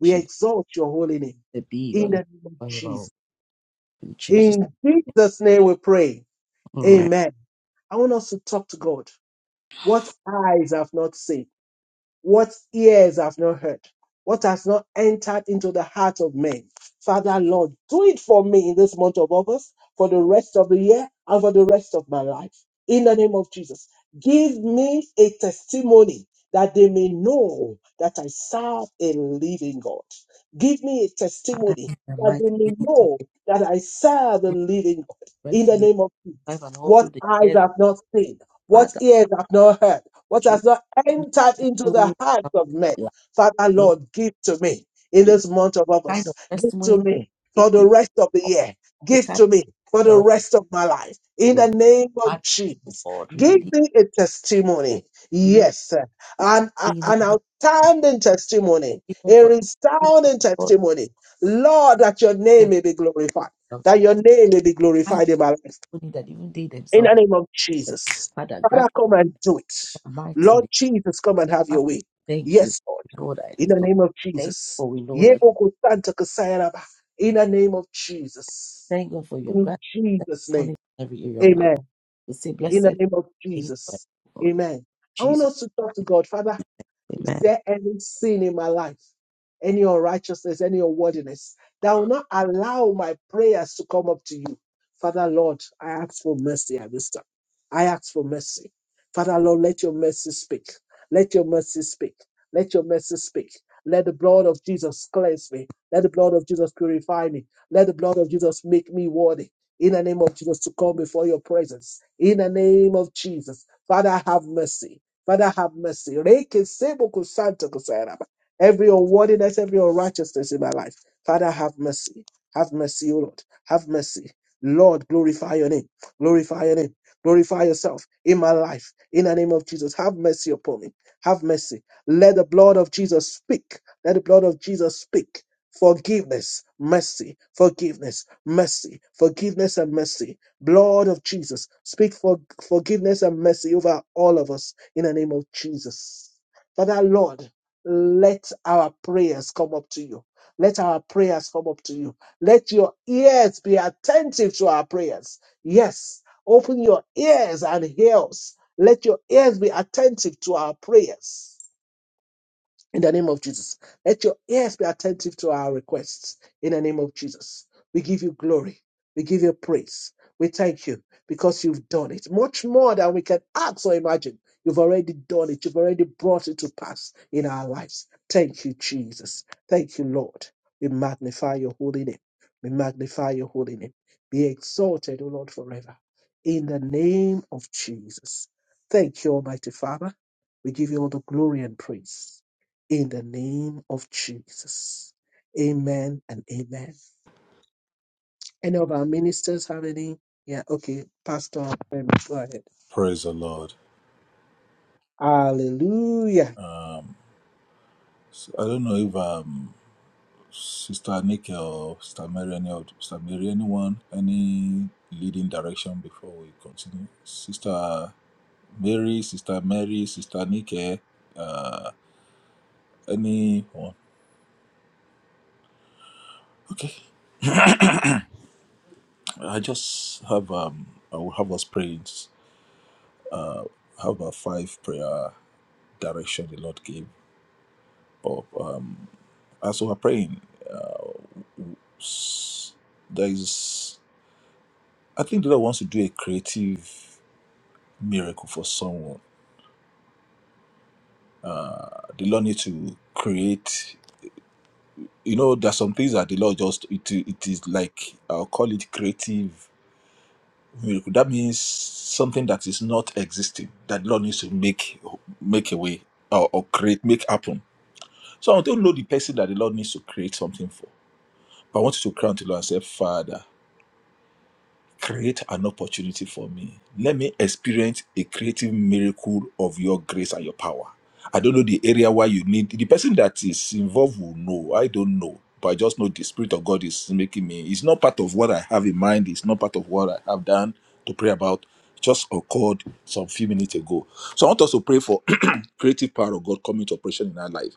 We
Shall
exalt your holy name
it be your
in the
name
name of
forever, O Lord,
Jesus.
in Jesus.
In Jesus' name we pray.
Amen.
Amen. I want us to talk to God. What eyes have not seen what ears have not heard, what has not entered into the heart of men. Father, Lord, do it for me in this month of August, for the rest of the year, and for the rest of my life. In the name of Jesus, give me a testimony that they may know that I serve a living God. Give me a
Father,
testimony
in the
that
mighty
they may
name of
know that I serve a living God. In
rest of
the
the
name of Jesus,
life and all
what
through the
eyes
years,
have not seen, what
Father,
ears have not heard what
you
has not
give
entered into
testimony
the
that
hearts
comes
of men.
to life
Father,
in
Lord, give to me in
Jesus.
this month of
Kind of
August. Give
testimony
to
that
me for
take
the
people
rest of the
off
year.
the
Give
kind
to me for the
of
rest of my life. In
the
the
life.
name
Father,
of Jesus,
God,
give
release
me a testimony.
to me
Yes, sir. an,
in the
an
mighty
outstanding testimony,
even
a
for everyone,
resounding
God,
testimony. Lord, that your name may be glorified.
themselves,
That
the
your name may be
kind
glorified in my life.
of money that even they
In the
themselves,
name of Jesus.
Father,
Father,
grant us
come and do it.
that mighty
Lord
name.
Jesus, come and have
Father,
your way.
thank you.
Yes, Lord.
We know that it
In
is
the
done.
name of
Thank you
Jesus.
for we know that.
Yeboko Santa Kasayaraba. In the name of Jesus.
Thank God for your
In
grant
Jesus' name.
in every area of our life.
Amen.
We say,
In the
blessed
name of
be God.
Jesus. Amen. I
Jesus.
want us to talk to God. Father, is
Amen.
there any sin in my life, any unrighteousness, any unworthiness that will not allow my prayers to come up to you? Father Lord, I ask for mercy at this time. I ask for mercy. Father Lord, let your mercy speak. Let your mercy speak. Let your mercy speak. Let the blood of Jesus cleanse me. Let the blood of Jesus purify me. Let the blood of Jesus make me worthy. In the name of Jesus, to come before your presence. In the name of Jesus, Father, have mercy. Father, have mercy. Reke sebo kusanto kusaraba. Every unworthiness, every unrighteousness in my life. Father, have mercy. Have mercy, O Lord. Have mercy. Lord, glorify your name. Glorify your name. Glorify yourself in my life. In the name of Jesus, have mercy upon me. Have mercy. Let the blood of Jesus speak. Let the blood of Jesus speak. Forgiveness, mercy, forgiveness, mercy, forgiveness and mercy. Blood of Jesus, speak for forgiveness and mercy over all of us in the name of Jesus. Father, Lord, let our prayers come up to you. Let our prayers come up to you. Let your ears be attentive to our prayers. Yes, open your ears and hear us. Let your ears be attentive to our prayers in the name of Jesus. Let your ears be attentive to our requests in the name of Jesus. We give you glory. We give you praise. We thank you because you've done it much more than we can ask or imagine. You've already done it. You've already brought it to pass in our lives. Thank you, Jesus. Thank you, Lord. We magnify your holy name. We magnify your holy name. Be exalted, O Lord, forever. In the name of Jesus. Thank you, Almighty Father. We give you all the glory and praise in the name of Jesus. Amen and amen. Any of our ministers have any? Yeah, okay. Pastor, um, go ahead.
Praise the Lord.
Hallelujah.
So, I don't know if um Sister Nikki or Sister Mary any of Sister Mary anyone any leading direction before we continue. Sister Mary, Sister Mary, Sister Nikki, uh anyone. Okay. I just have um I will have us praying. I have a five prayer direction the Lord gave. And so we're praying. There is, I think the Lord wants to do a creative miracle for someone. The Lord needs to create. You know, there are some things that the Lord just it it is like I'll call it creative miracle. That means something that is not existing that the Lord needs to make make a way or, or create make happen. So I don't know the person that the Lord needs to create something for, but I want you to cry unto the Lord and say, Father. Create an opportunity for me. Let me experience a creative miracle of your grace and your power. I don't know the area where you need the person that is involved will know. I don't know. But I just know the Spirit of God is making me. It's not part of what I have in mind. It's not part of what I have done to pray about just occurred some few minutes ago. So I want us to pray for creative power of God coming to operation in our life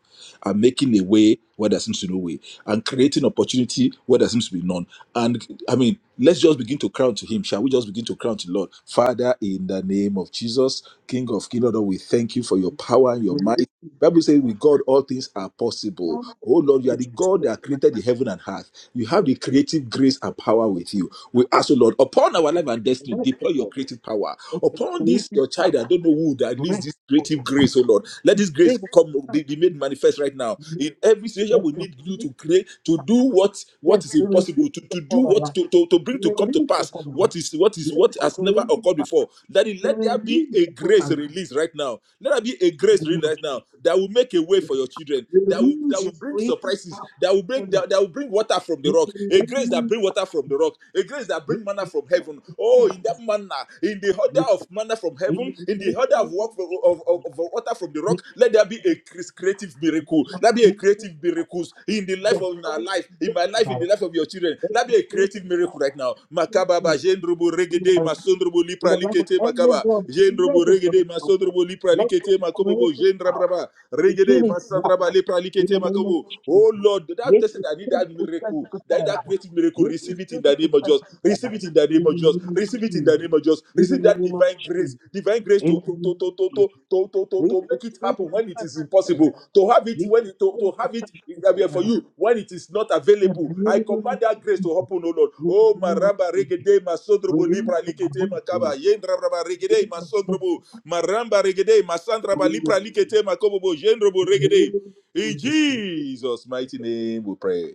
and making a way where there seems to be no way and creating opportunity where there seems to be none. And I mean, let's just begin to crown to Him. Shall we just begin to crown to the Lord? Father, in the name of Jesus, King of Kings, Lord, we thank you for your power and your might. Bible says, with God, all things are possible. Oh Lord, you are the God that created the heaven and earth. You have the creative grace and power with you. We ask, oh Lord, upon our life and destiny, deploy your creative power. Upon this, your child, I don't know who that needs this creative grace, oh Lord. Let this grace come, be, be made manifest right now. In every situation, we need you to create, to do what, what is impossible, to, to do what, to, to, to bring to come to pass what is, what is, what has never occurred before. Let it, let there be a grace release right now. Let there be a grace grace
name
really
of
right now
Jesus.
that will make a way for your children, that will that
Release your
will bring
creative
surprises,
power
that will bring
upon my
that, that will bring water from the
in
rock,
the
a grace that
name of
bring water from the rock, a grace that bring
Jesus.
manna from heaven. Oh, in that manna, in the order of manna from
In the
heaven,
name
in the order of
of
work of, of, of of water from the rock, let there be a creative miracle. Let be a
Jesus, let your creative
creative miracles in the life
yes,
of in our
oh,
life, in
yes,
my life,
my
in the
Lord.
life of your children.
Let
Let be
your
a
creative
creative
power
miracle right now.
flow
Makaba ba
through
jendrubu
in
regede
my life,
masondrubu
in
lipra
the life of
likete makaba
everyone
jendrubu
present on
regede
this platform.
masondrubu lipra
Let your
makobobo
creative
jendra
power.
braba
We give
regede
it work
masandra ba lipra
in the name of
makobo.
Jesus.
Oh Lord, that
Yes,
person
it's
that need that
physical,
miracle,
physical
that need
terror.
that creative miracle,
Yes, it's
receive it in the
physical,
name of Jesus.
physical terror.
Receive it in the name
In
of
the
Jesus.
name of
Receive it in the
Jesus.
name of Jesus.
In the
Receive that
name of
divine grace,
Jesus.
divine grace
In
to
the
to to
name of
to to
Jesus.
to to to, to, to
Yes, it's
make it
physical,
happen when it
physical
is
terror.
impossible. To have it
Yes,
when
it's
it, to to
physical,
have it I
physical
mean, for
terror.
you when it is not
In
available.
the
I
name of
command that grace to
Jesus.
happen, oh Lord.
In
Oh
the name of
maraba
Jesus.
regede masondrobo
Release
lipra
the grace,
makaba
Lord.
yendra braba regede
Release the grace
masondrobo Maramba regede, masandra balipra likete, makobobo jendrobo
in the
regede.
name of
In
Jesus.
Jesus' mighty name we pray.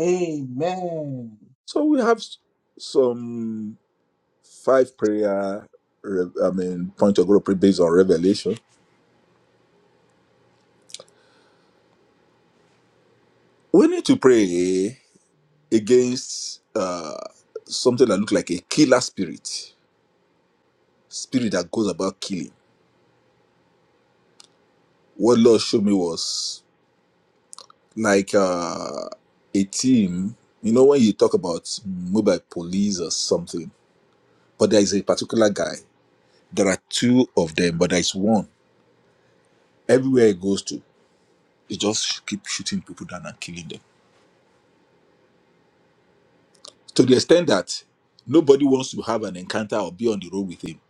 Amen.
So we have s- some five prayer, re- I mean, point of group based on revelation. We need to pray against uh, something that looks like a killer spirit, spirit that goes about killing. What Lord showed me was like uh, a team. You know, when you talk about mobile police or something, but there is a particular guy. There are two of them, but there is one. Everywhere he goes to, he just keep shooting people down and killing them. To the extent that nobody wants to have an encounter or be on the road with him.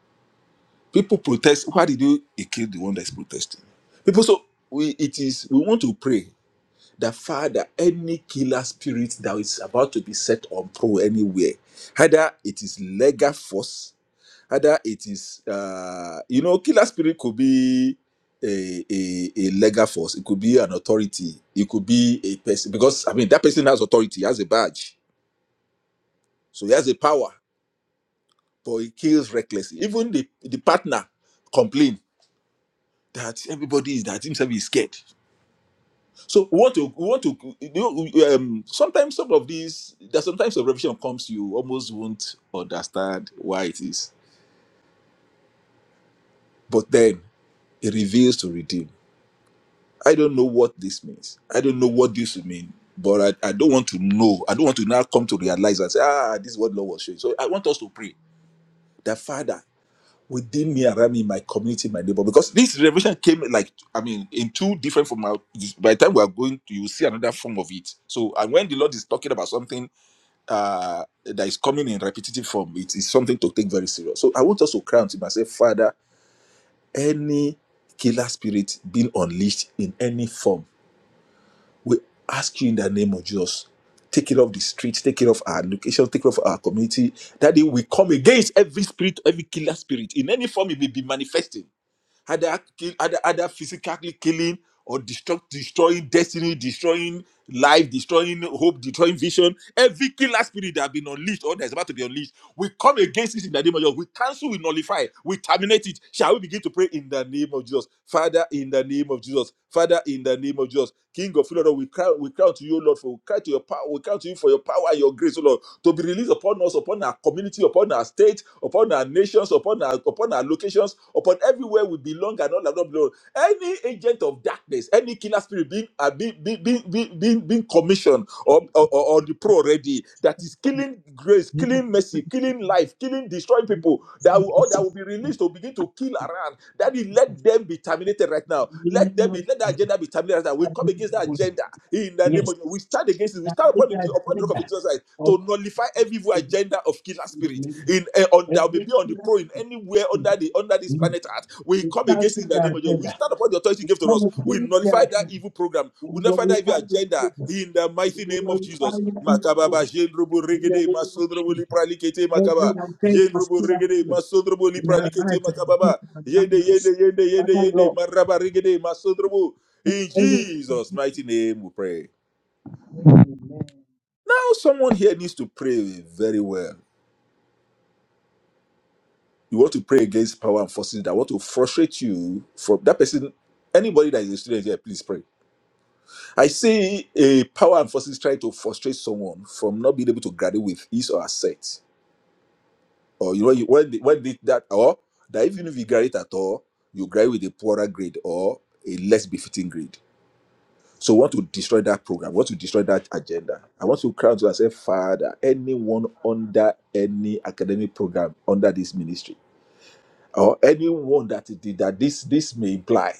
People protest. Why did you he kill the one that's protesting? People so we it is we want to pray that Father, any killer spirit that is about to be set on pro anywhere, either it is legal force Either it is, uh, you know, killer spirit could be a, a, a legal force, it could be an authority, it could be a person, because I mean, that person has authority, he has a badge, so he has a power, but he kills recklessly. Even the, the partner complain that everybody is that himself is scared. So we want to we want to you know, um, sometimes some of these that sometimes a revelation comes you almost won't understand why it is, but then it reveals to redeem. I don't know what this means. I don't know what this would mean. But I, I don't want to know. I don't want to now come to realize and say, ah, this is what Lord was showing. So I want us to pray that Father, within me, around me, my community, my neighbor, because this revelation came like, I mean, in two different form. Now, this- By the time we are going to, you see another form of it. So, and when the Lord is talking about something uh, that is coming in repetitive form, it is something to take very serious. So I want us to cry unto him and say, Father, any killer spirit being unleashed in any form We ask you in the name of Jesus, take it off the streets, take it off our location, take it off our community. That day we come against every spirit, every killer spirit in any form it may be manifesting. Either kill, either, either physically killing or destruct, destroying destiny, destroying life, destroying hope, destroying vision. Every killer spirit that has been unleashed or that's about to be unleashed. We come against it in the name of Jesus. We cancel, we nullify, we terminate it. Shall we begin to pray in the name of Jesus? Father, in the name of Jesus. Father, in the name of Jesus. King of glory, Lord, we cry, we cry to you, Lord, for we cry to your power, we cry to you for your power and your grace, O Lord, to be released upon us, upon our community, upon our state, upon our nations, upon our upon our locations, upon everywhere we belong and all that not belong. Any agent of darkness, any killer spirit being uh, being, being, being, being being commissioned or, or, or or the pro already that is killing grace,
Yes,
killing mercy, killing life, killing, destroying people
it's
that will,
physical,
or that
physical
will be released to begin to kill around. That is,
terror.
let them be terminated right now. Let them be, let the agenda be terminated right now. We come against that agenda in the name
Yes,
of, we stand against it. We
that
stand
is
upon the,
the
upon the rock of
agenda
Jesus Christ
of
to nullify every evil
fasting
agenda of killer
in the
spirit
name
in uh, on
of
that will be
every
on the
killer
prone anywhere under
spirit.
the under this
We
planet earth. We
we
come against it
cancel
in the name
the
of Jesus. We
agenda.
stand upon the authority you gave to
Come
us.
and
We
change the
nullify that
agenda.
evil program.
We
We nullify that evil
glorify your
agenda
people.
in the mighty
We
name of
glorify
Jesus.
your
Makaba
people
Makababa jendrobo
in the
regede
name of
masodrobo
Jesus.
lipralikete
Every
makaba
agenda of
jendrobo
killer
regede
spirit
masodrobo
in our
lipralikete
lives and
makababa
in our
yende yende
lives.
yende yende
Father
yende
Lord,
maraba regede masodrobo. In Jesus'
anything.
mighty name, we pray.
Amen.
Now, someone here needs to pray very well you want to pray against power and forces that want to frustrate you from that person. Anybody that is a student here, please pray. I see a power and forces trying to frustrate someone from not being able to graduate with his or her set. Or you know, you- when they, when they, that or that even if you graduate at all, you graduate with a poorer grade or a less befitting grade. So we want to destroy that program, we want to destroy that agenda. I want to cry out to and say, Father, anyone under any academic program under this ministry or anyone that it did that this this may imply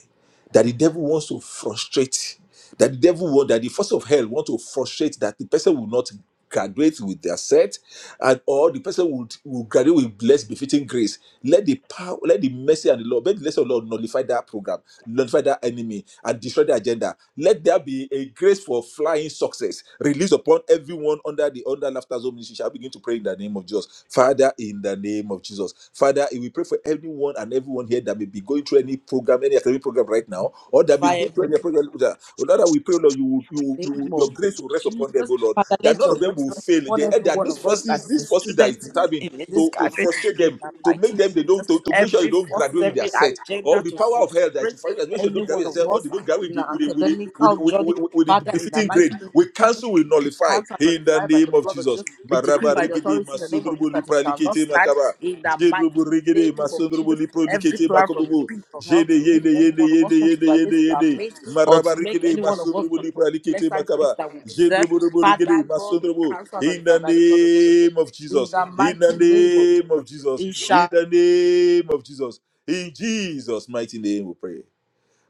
that the devil wants to frustrate that the devil want that the force of hell want to frustrate that the person will not graduate with their set and or the person would will graduate with blessed befitting grace let the power let the mercy and the lord let the blessing of the lord nullify that program notify that enemy and destroy the agenda. Let there be a grace for flying success released upon everyone under the under laughter zone ministry. Shall we begin to pray in the name of Jesus, Father, in the name of Jesus, Father. We pray for everyone and everyone here that may be going through any program, any academic program right now, or that may
Fire
go
of
through
your
any program. That, oh, Lord, that we pray, Lord, you, will- you, will-
the
you, will-
name of
your grace will rest upon them,
Jesus.
oh Lord.
Father,
That
let
none
your
of them
grace
will
rest
fail.
upon
They, and
every
that
one
those
of us that
forces,
is a
these forces that
student
is
in,
determined
in, in this
to, to
country.
frustrate
In
them,
the
to make
mighty
them they
name of
don't to,
Jesus,
to make sure they
every
don't
forces,
graduate with their
every
set. Or
agenda
the
to
power of
frustrate
hell that you find that when you
any
don't
one
graduate
of
yourself, or
us
they don't graduate with
in
the
our
with the with the, with
academical
the, with
journey.
the, with the
Father, in the
befitting
mighty
grade,
name
we
of Jesus,
cancel, we
we
nullify
cancel and
in the
nullify by the
name of
blood of
Jesus.
Jesus. We decree
Maraba
by the
rigidi
authority in the name of
masundrubu
Jesus that it shall not
lipralikete
stand.
makaba.
In the mighty
Jedrubu rigidi
name of
masundrubu
Jesus, every
liprolikete
plan from the
makobubu.
pit of hell
Jene
to make
yene
every
yene
one of
yene
us want to
yene
graduate
yene
to our
yene.
mate or
Maraba
to make
rigidi
any one of us
masundrubu lipralikete
lesser grace
makaba.
that we deserve.
Jendrubu rubu rigidi
Father, Lord, we
masundrubu.
cancel and
In
nullify
the
by the blood of Jesus.
name of
In
Jesus.
the
In the
mighty name of
name
Jesus,
of Jesus.
it
In
shall
the name of Jesus. In Jesus' mighty name we pray.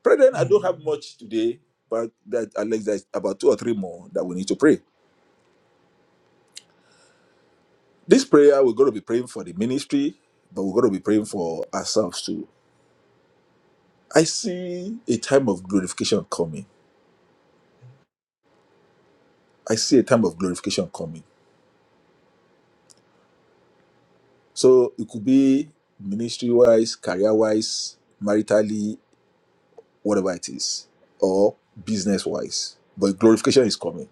Brethren, I don't
Amen.
have much today, but that Alex there's about two or three more that we need to pray. This prayer, we're going to be praying for the ministry, but we're going to be praying for ourselves too. I see a time of glorification coming. I see a time of glorification coming. So it could be ministry wise, career wise, maritally, whatever it is, or business wise. But glorification is coming.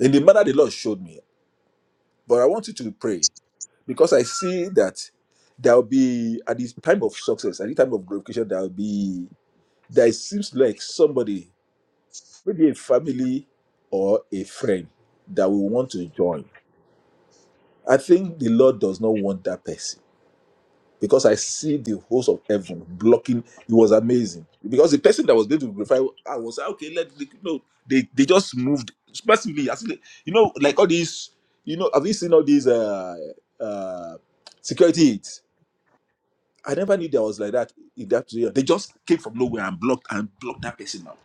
In the manner the Lord showed me, but I want you to pray. because I see that there will be at this time of success, at the time of glorification, there will be there seems like somebody, maybe a family or a friend that will want to join. I think the Lord does not want that person because I see the host of heaven blocking. It was amazing because the person that was going to glorify, I was like, okay, let the, no, they they just moved massively. As in, you know, like all these, you know, have you seen all these uh uh security hits? I never knew there was like that in that area. They just came from nowhere and blocked and blocked that person out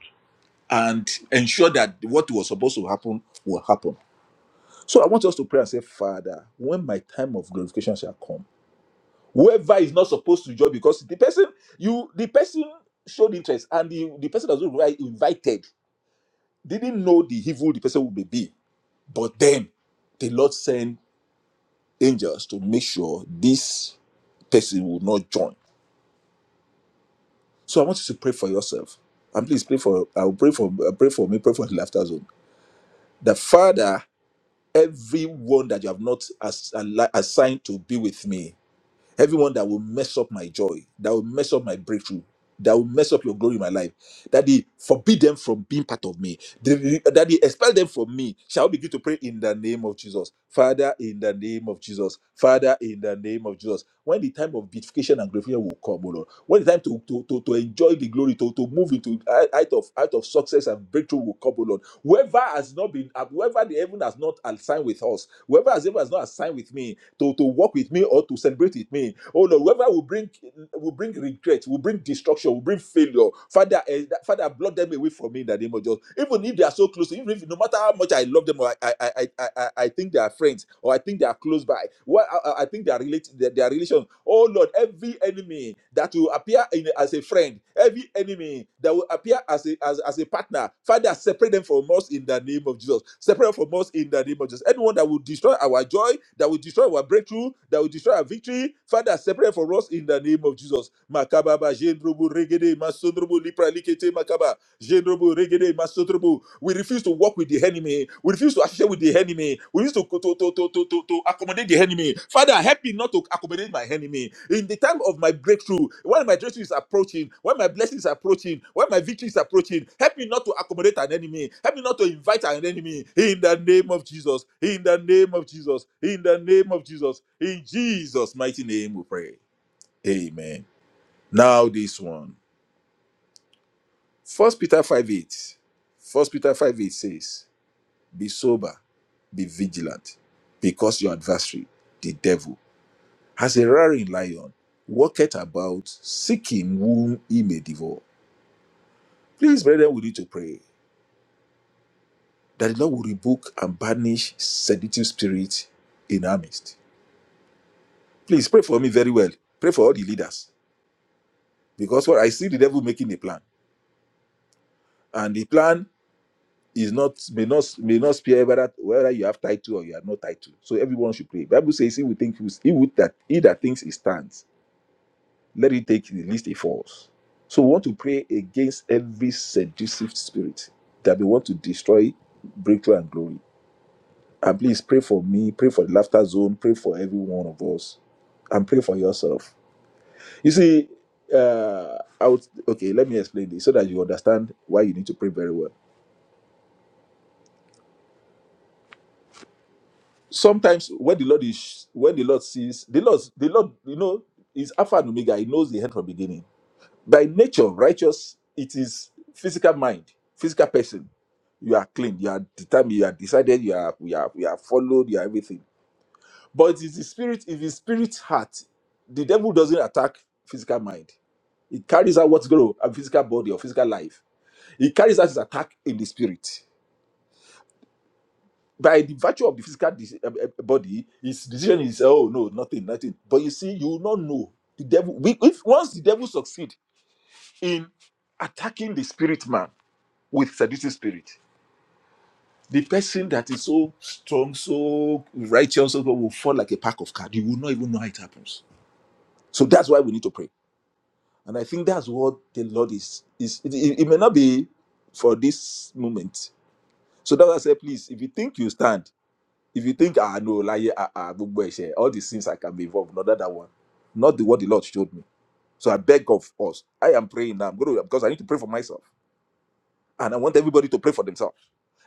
and ensured that what was supposed to happen will happen. So I want us to pray and say, Father, when my time of glorification shall come, whoever is not supposed to join, because the person you the person showed interest and the, the person that was invited didn't know the evil the person would be. be. But then the Lord sent angels to make sure this person will not join. So I want you to pray for yourself. And please pray for I'll pray for i pray for me, pray for the laughter zone. The Father, everyone that you have not as, al- assigned to be with me, Everyone that will mess up my joy, that will mess up my breakthrough, that will mess up your glory in my life, that they forbid them from being part of me, They- that they expel them from me. Shall we begin to pray in the name of Jesus? Father, in the name of Jesus. Father, in the name of Jesus. When the time of beatification and glorification will come, O Lord, when the time to, to, to, to enjoy the glory, to, to move into out out of out of success and breakthrough will come, O Lord, Whoever has not been, uh, whoever the heaven has not assigned with us, whoever has ever has not assigned with me to, to work with me or to celebrate with me, oh Lord, whoever will bring will bring regret, will bring destruction, will bring failure. Father, eh, that- Father, blot them away from me in the name of Jesus. Even if they are so close, even if no matter how much I love them or I I I, I, I I think they are friends or I think they are close by, well, I, I I think they are related, they are they are relations. Oh Lord, every enemy that will appear in, as a friend Every enemy that will appear as a, as, as a partner, Father, separate them from us in the name of Jesus. Separate them from us in the name of Jesus. Anyone that will destroy our joy, that will destroy our breakthrough, that will destroy our victory, Father, separate them from us in the name of Jesus. Makaba ba jendrobo regede masondrobo lipra likete makaba. Jedrobo, regede, masotrobo. We refuse to work with the enemy. We refuse to associate with the enemy. We refuse to, to, to, to, to, to, to accommodate the enemy. Father, help me not to accommodate my enemy. In the time of my breakthrough, when my breakthrough is approaching, when my blessing is approaching, when my victory is approaching, help me not to accommodate an enemy. Help me not to invite an enemy. In the name of Jesus. In the name of Jesus. In the name of Jesus. In Jesus' mighty name we pray. Amen. Now this one. First Peter 5 8. First Peter 5 8 says, Be sober, be vigilant, because your adversary, the devil, as a roaring lion, walketh about seeking whom he may devour. Please, brethren, we need to pray that the Lord will rebuke and banish seductive spirit in our midst. Please pray for me very well. Pray for all the leaders. Because what I see the devil making a plan. And the plan is not may not may not spare whether whether you have title or you have no title. So everyone should pray. Bible says he will think he, will, he would that he that thinks he stands, let him take the least he falls. So we want to pray against every seductive spirit that we want to destroy breakthrough and glory. And please pray for me, pray for the laughter zone, pray for every one of us, and pray for yourself. You see, uh, I would okay. Let me explain this so that you understand why you need to pray very well sometimes when the Lord is when the Lord sees the Lord, the Lord, you know, is Alpha and Omega. He knows the end from beginning. By nature, righteous, it is physical mind, physical person. You are clean, you are determined, you are decided, you are we are we are followed, you are everything. But it is the spirit, if the spirit heart, the devil doesn't attack physical mind. It carries out what's going on a physical body or physical life. It carries out his attack in the spirit. by the virtue of the physical dis- eh, eh, eh, body, his decision is oh no, nothing, nothing. But you see, you will not know the devil. We, if once the devil succeed in attacking the spirit man with seducing spirit, the person that is so strong, so righteous, so will fall like a pack of cards. You will not even know how it happens. So that's why we need to pray, and I think that's what the Lord is. Is it, it- it may not be for this moment. So that's why I say, please, if you think you stand. if you think ah no like ah ah gbogbo ẹ̀ṣẹ̀, all the sins i can be involved not that, that one not the what the lord showed me so i beg of us i am praying now I'm gonna- because i need to pray for myself and i want everybody to pray for themselves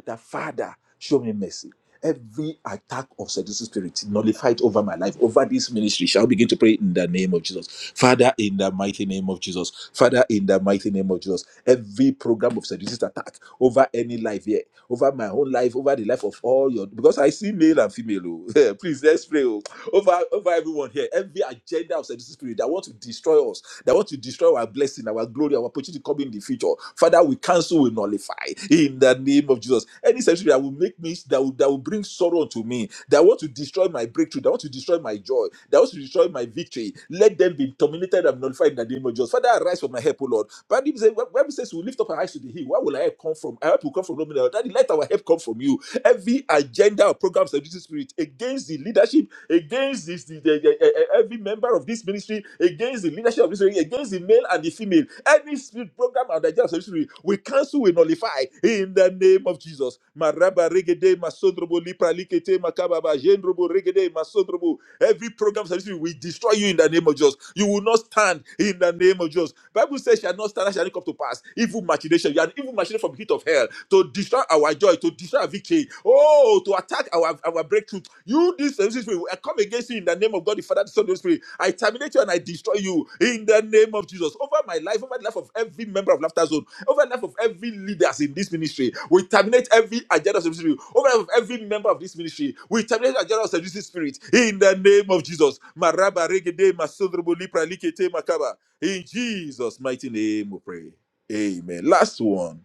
that Father, show me mercy. Every attack of seducing spirit nullified over my life, over this ministry, shall we begin to pray in the name of Jesus. Father, in the mighty name of Jesus. Father, in the mighty name of Jesus. Every program of seducing attack over any life here, over my own life, over the life of all your, because I see male and female. oh. Please, let's pray. oh. Over, over everyone here, every agenda of seducing spirit that want to destroy us, they want to destroy our blessing, our glory, our opportunity coming in the future. Father, we cancel, we nullify in the name of Jesus. Any century that will make me, that will, that will bring sorrow to me, that want to destroy my breakthrough, that want to destroy my joy, that want to destroy my victory, let them be terminated and nullified in the name of Jesus. Father, arise for my help, O Lord. But Bible says, Bible says, we lift up our eyes to the hill. Where will our help come from? Our help will come from no man. else. Daddy, let our help come from you every agenda or program of the spirit against the leadership against this, the, the- the- eh, eh, every member of this ministry, against the leadership of this ministry, against the male and the female. Any spirit program and agenda of the ministry, we cancel, we nullify in the name of Jesus. Maraba regede masondrobo lipra likete makababa jendrobo regede masondrobo Every program solution will destroy you in the name of Jesus. You will not stand in the name of Jesus. Bible says, shall not stand, that shall not come to pass. Evil machination. You are an evil machination from the heat of hell to destroy our joy, to destroy our victory. Oh, to attack our, our breakthrough. You, this solution, will I come against you in the name of God, the Father, the Son, and the Holy Spirit. I terminate you and I destroy you in the name of Jesus. Over my life, over the life of every member of Laughter Zone over the life of every leaders in this ministry. We terminate every agenda of the ministry. Over the life of every member of this ministry. We terminate the agenda of the ministry spirit in the name of Jesus. Maraba regede masodrobo lipra likete makaba. In Jesus' mighty name we pray. Amen. Last one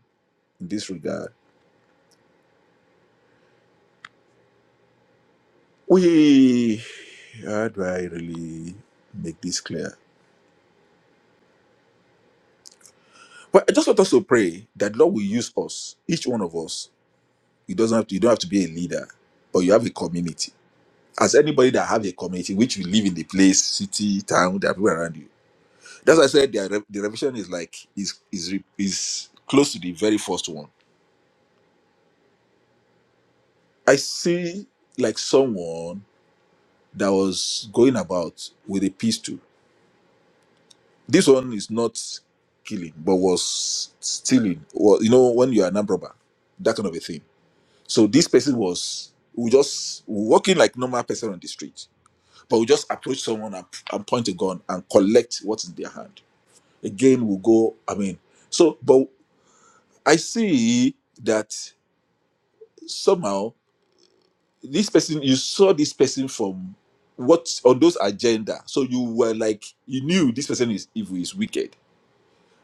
in this regard. We how do I really make this clear? But I just want us to pray that Lord will use us, each one of us. You doesn't have to, you don't have to be a leader, but you have a community as anybody that have a community which you live in the place city town there are people around you that's why i said the, re- the revision is like is is re- is close to the very first one i see like someone that was going about with a pistol this one is not killing but was stealing well you know when you're an armed robber that kind of a thing so this person was we just walking like normal person on the street but we just approach someone and, and point a gun and collect what's in their hand again will go i mean so but i see that somehow this person you saw this person from what on those agenda so you were like you knew this person is evil is wicked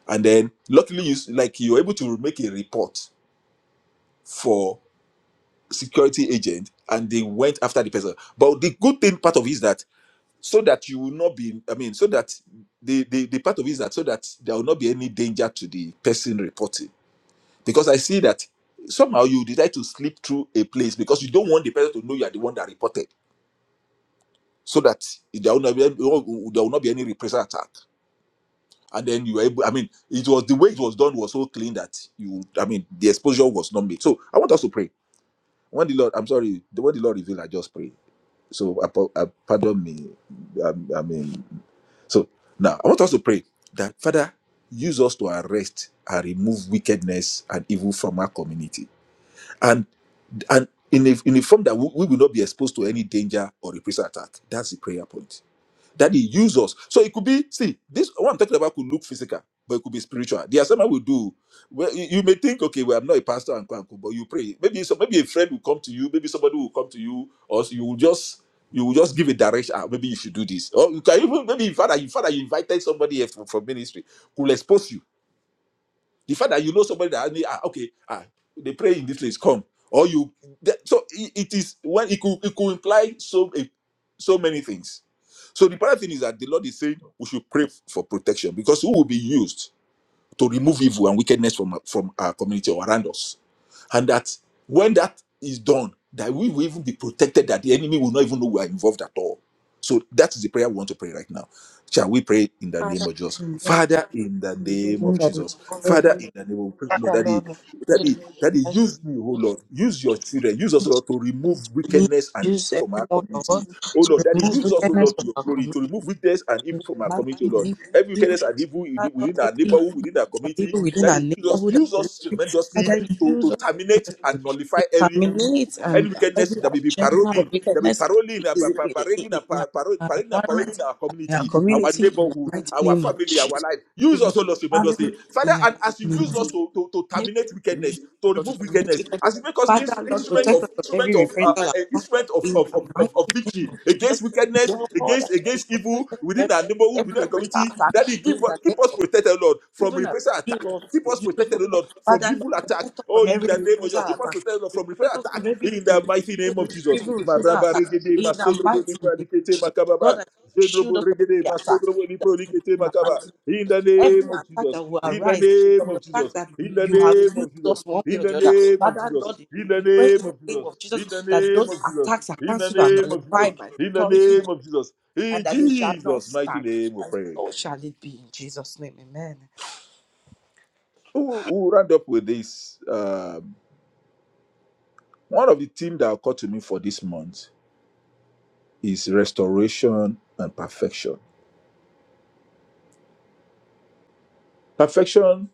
and then luckily you s- like you were able to make a report for security agent and they went after the person but the good thing part of it is that so that you will not be i mean so that the the, the part of it is that so that there will not be any danger to the person reporting because I see that somehow you decide to slip through a place because you don't want the person to know you are the one that reported, so that there will not be, there will not be any repressal attack. And then you were able, I mean, it was the way it was done was so clean that you, I mean, the exposure was not made. So I want us to pray. When the Lord, I'm sorry, the when the Lord revealed, I just pray. So I, po- I- pardon me. I, I mean, so now I want us to pray that Father, use us to arrest and remove wickedness and evil from our community and in a, in a form that we, we will not be exposed to any danger or reprisal attack. That's the prayer point. That He use us. So it could be, see, this what I'm talking about could look physical, but it could be spiritual. The assignment we do, well, you, you may think, okay, well, I'm not a pastor and uncle, but you pray. Maybe some, maybe a friend will come to you, maybe somebody will come to you, or you will just you will just give a direction. Ah, maybe you should do this. Or you can even maybe in fact, that- you, in fact that you invited somebody else from, from ministry who will expose you the fact that you know somebody that only, ah, okay, ah, they pray in this place, come. Or you, that- so it, it is when it could it could imply so a- so many things. So the other thing is that the Lord is saying we should pray for protection because who will be used to remove evil and wickedness from from our community or around us and that when that is done that we will even be protected that the enemy will not even know we are involved at all so that is the prayer we want to pray right now shall we pray in the
Father,
name of jesus
in the name
father in the
of
name
the name
of
that is
jesus father in the name of
above every
lord
other,
that he
Lord.
that
we pray
he that he
that
use me oh lord use your children use us oh
Christ
lord to remove
will
wickedness and evil
Use every
from our
one of
community
us
oh
to
lord that he
remove
use us oh
wickedness
lord
from
to your
our
glory to
community.
remove wickedness and evil from our
Mighty
community oh lord
name of
Every wickedness
Jesus,
and evil
Father,
within
Lord,
within our
every
neighborhood, within our community,
evil within
that
our
it use us,
neighborhood, and
use
community,
us tremendously
Father,
to,
use
to terminate and nullify
It
every evil,
terminates um,
any wickedness
every
that may be
agenda
paroling,
of
that may be
wickedness
paroling and pa-
in
pa- parading and
in
pa- paro-
our
parading and
environment,
paroling our
in our
community, our
community, in the
neighborhood,
mighty
our
name of
family, our
Jesus.
life. Use
Even
us, O Lord,
family,
tremendously. Father,
in the
and as
mighty
you
name
use
of
us
Jesus.
to, to, to
Any
terminate wickedness,
contribution,
to
Lord, to
remove
terminate
wickedness,
wickedness.
as you make us ins-
Father, Lord,
instrument
protect
of
us from
instrument
every
of uh,
reprisal
an
attack
instrument of,
in
of,
the
of, of, of
mighty name
victory
of Jesus.
against wickedness,
Lord, that
against
you
against evil
protect us from
within
every,
our neighborhood, within
every
our
reprisal
community.
attack
That He give
in
us-
the name
keep
of
us protected, Lord, from
even as
repressive
you
attack.
love
Keep
you,
us
you love
protected, Lord,
us.
from
Father,
evil
Lord,
attack.
protect us
Oh,
from
in
every
the name of
reprisal
Jesus, keep us
attack.
protected Lord,
You
from
Protect
repressive
us from
attack.
every
In
re-
the mighty name of
re-
Jesus.
evil reprisal
Maraba
attack.
regede,
In the
masodrobo
mighty name of
lipralikete
Jesus. Lord,
makababa.
that you shield
Zedrobo
us from
regede,
every attack.
masodrobo
That-
lipralikete
In the
makaba.
mighty name of
In
Jesus.
the
Every
name of
attack that
Jesus.
will
In the
arise
name
from the
of
fact
Jesus.
that we,
In the
you have
name
used
of
us
Jesus.
one way
In
or
the
the other.
name of
Father,
Jesus.
Lord,
In
we,
the
we pray
name
in the
of
name
Jesus.
of
In the
Jesus that
name
those
of Jesus.
attacks are
In the
cancelled and
name of
nullified
Jesus.
by the
In the
authority
name of Jesus.
and
In
that they shall not
Jesus' mighty
stand.
name we
And
pray.
so shall it be in Jesus' name. Amen.
Who who we round up with this. Um, one of the themes that occurred to me for this month is restoration and perfection. Perfection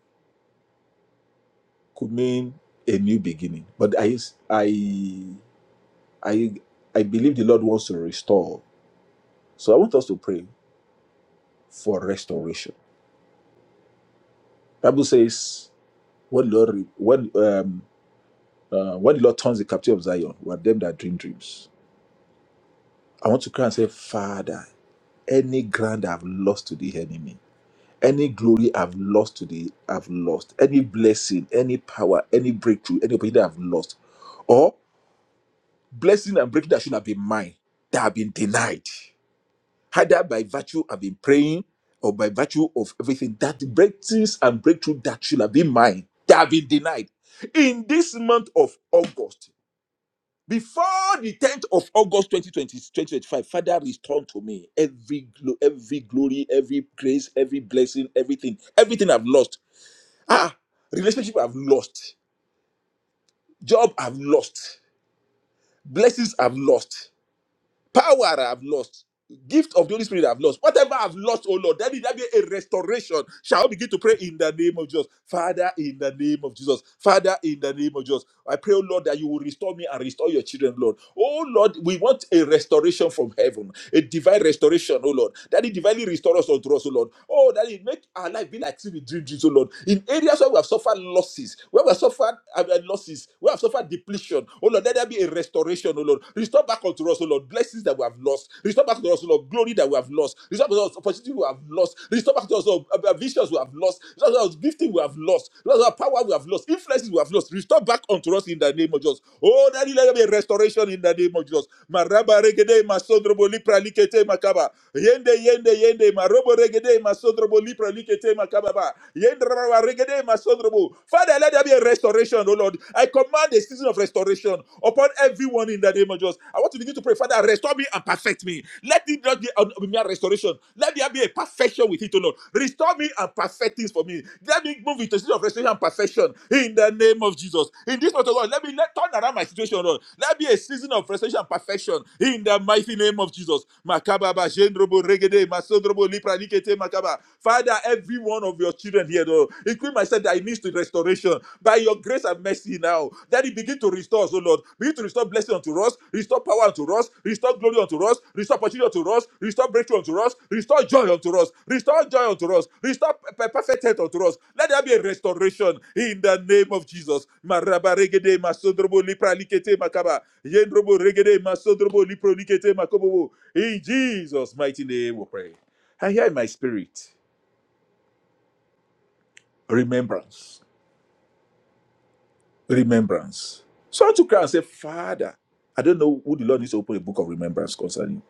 could mean a new beginning, but I, I, I, I believe the Lord wants to restore So I want us to pray for restoration. Bible says, "When Lord, re- when um, uh, what the Lord turns the captive of Zion, were them that dream dreams." I want to cry and say, Father, any ground I've lost to the enemy, any glory I've lost to the I've lost, any blessing, any power, any breakthrough, any opportunity I've lost, or blessing and breakthrough that should have been mine that have been denied. either by virtue I've been praying or by virtue of everything that breakthroughs and breakthrough that should have been mine that have been denied in this month of August. Before the 10th of August twenty twenty twenty twenty five, 2025, Father, return to me every glo- every glory, every grace, every blessing, everything, everything I've lost. Ah, relationship I've lost, job I've lost, blessings I've lost. power I've lost, gift of the Holy Spirit I've lost, whatever I've lost, oh Lord, that is that be a restoration. Shall we begin to pray in the name of Jesus? Father, in the name of Jesus. Father, in the name of Jesus. I pray, oh Lord, that you will restore me and restore your children, Lord. Oh Lord, we want a restoration from heaven, a divine restoration, oh Lord. That it divinely restore us unto us, oh Lord. Oh, that it make our life be like silver dream, dreams, oh Lord. In areas where we have suffered losses, where we have suffered uh, uh, losses, where we have suffered depletion restoration. Oh Lord, let there be a restoration, oh Lord. Restore back unto us, oh Lord, blessings that we have lost. Restore back to us, oh Lord, glory that we have lost. Restore back to us opportunity we have lost. Restore back to us, oh, uh, uh, visions we have lost. Restore back to us gifting we have lost. Restore back to us power we have lost. Influences we have lost. Restore back unto us in the name of Jesus. Oh, Daddy, let there be a restoration in the name of Jesus. Maraba regede masondrobo lipra likete makaba. Yende yende yende marobo regede masondrobo lipra likete makaba. ba. Yende raba regede unfathomable. Father, let there be a restoration, oh Lord. I command a season of restoration upon everyone in the name of Jesus. I want to begin to pray, Father, restore me and perfect me. Let it not be a mere restoration. Let there be a perfection with it, oh Lord. Restore me and perfect things for me. Let me move into a season of restoration and perfection in the name of Jesus. In this month, oh Lord, let me let turn around my situation, oh Lord. Let be a season of restoration and perfection in the mighty name of Jesus. Makababa, Jendrobo, Regede, Masondrobo, Lipra, Likete, Shakaba. Father, every one of your children here, though, including myself, that it needs to restoration by your grace and mercy now. That it begin to restore us, oh Lord. Begin to restore blessing unto us, restore power unto us, restore glory unto us, restore opportunity unto us, restore breakthrough unto us, restore joy unto us, restore joy unto us, restore pe- perfect health unto us. Let there be a restoration in the name of Jesus. Maraba regede masodrobo lipra likete makaba. Yendrobo regede masodrobo lipro likete makobobo. In Jesus' mighty name we pray. I hear in my spirit remembrance, remembrance. So I took her and said, Father, I don't know who the Lord needs to open a book of remembrance concerning.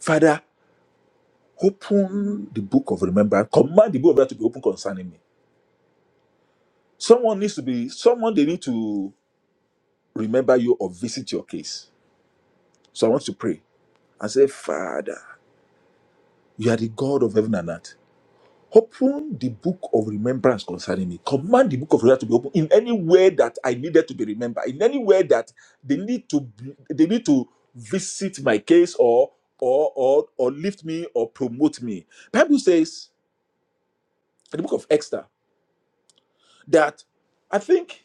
Father, open the book of remembrance. Command the book of remembrance to be open concerning me. Someone needs to be, someone they need to remember you or visit your case. So I want to pray and say, Father, you are the God of heaven and earth. Open the book of remembrance concerning me. Command the book of remembrance to be open in any way that I needed to be remembered, in any way that they need to they need to visit my case or or or or lift me or promote me. Bible says in the book of Esther that I think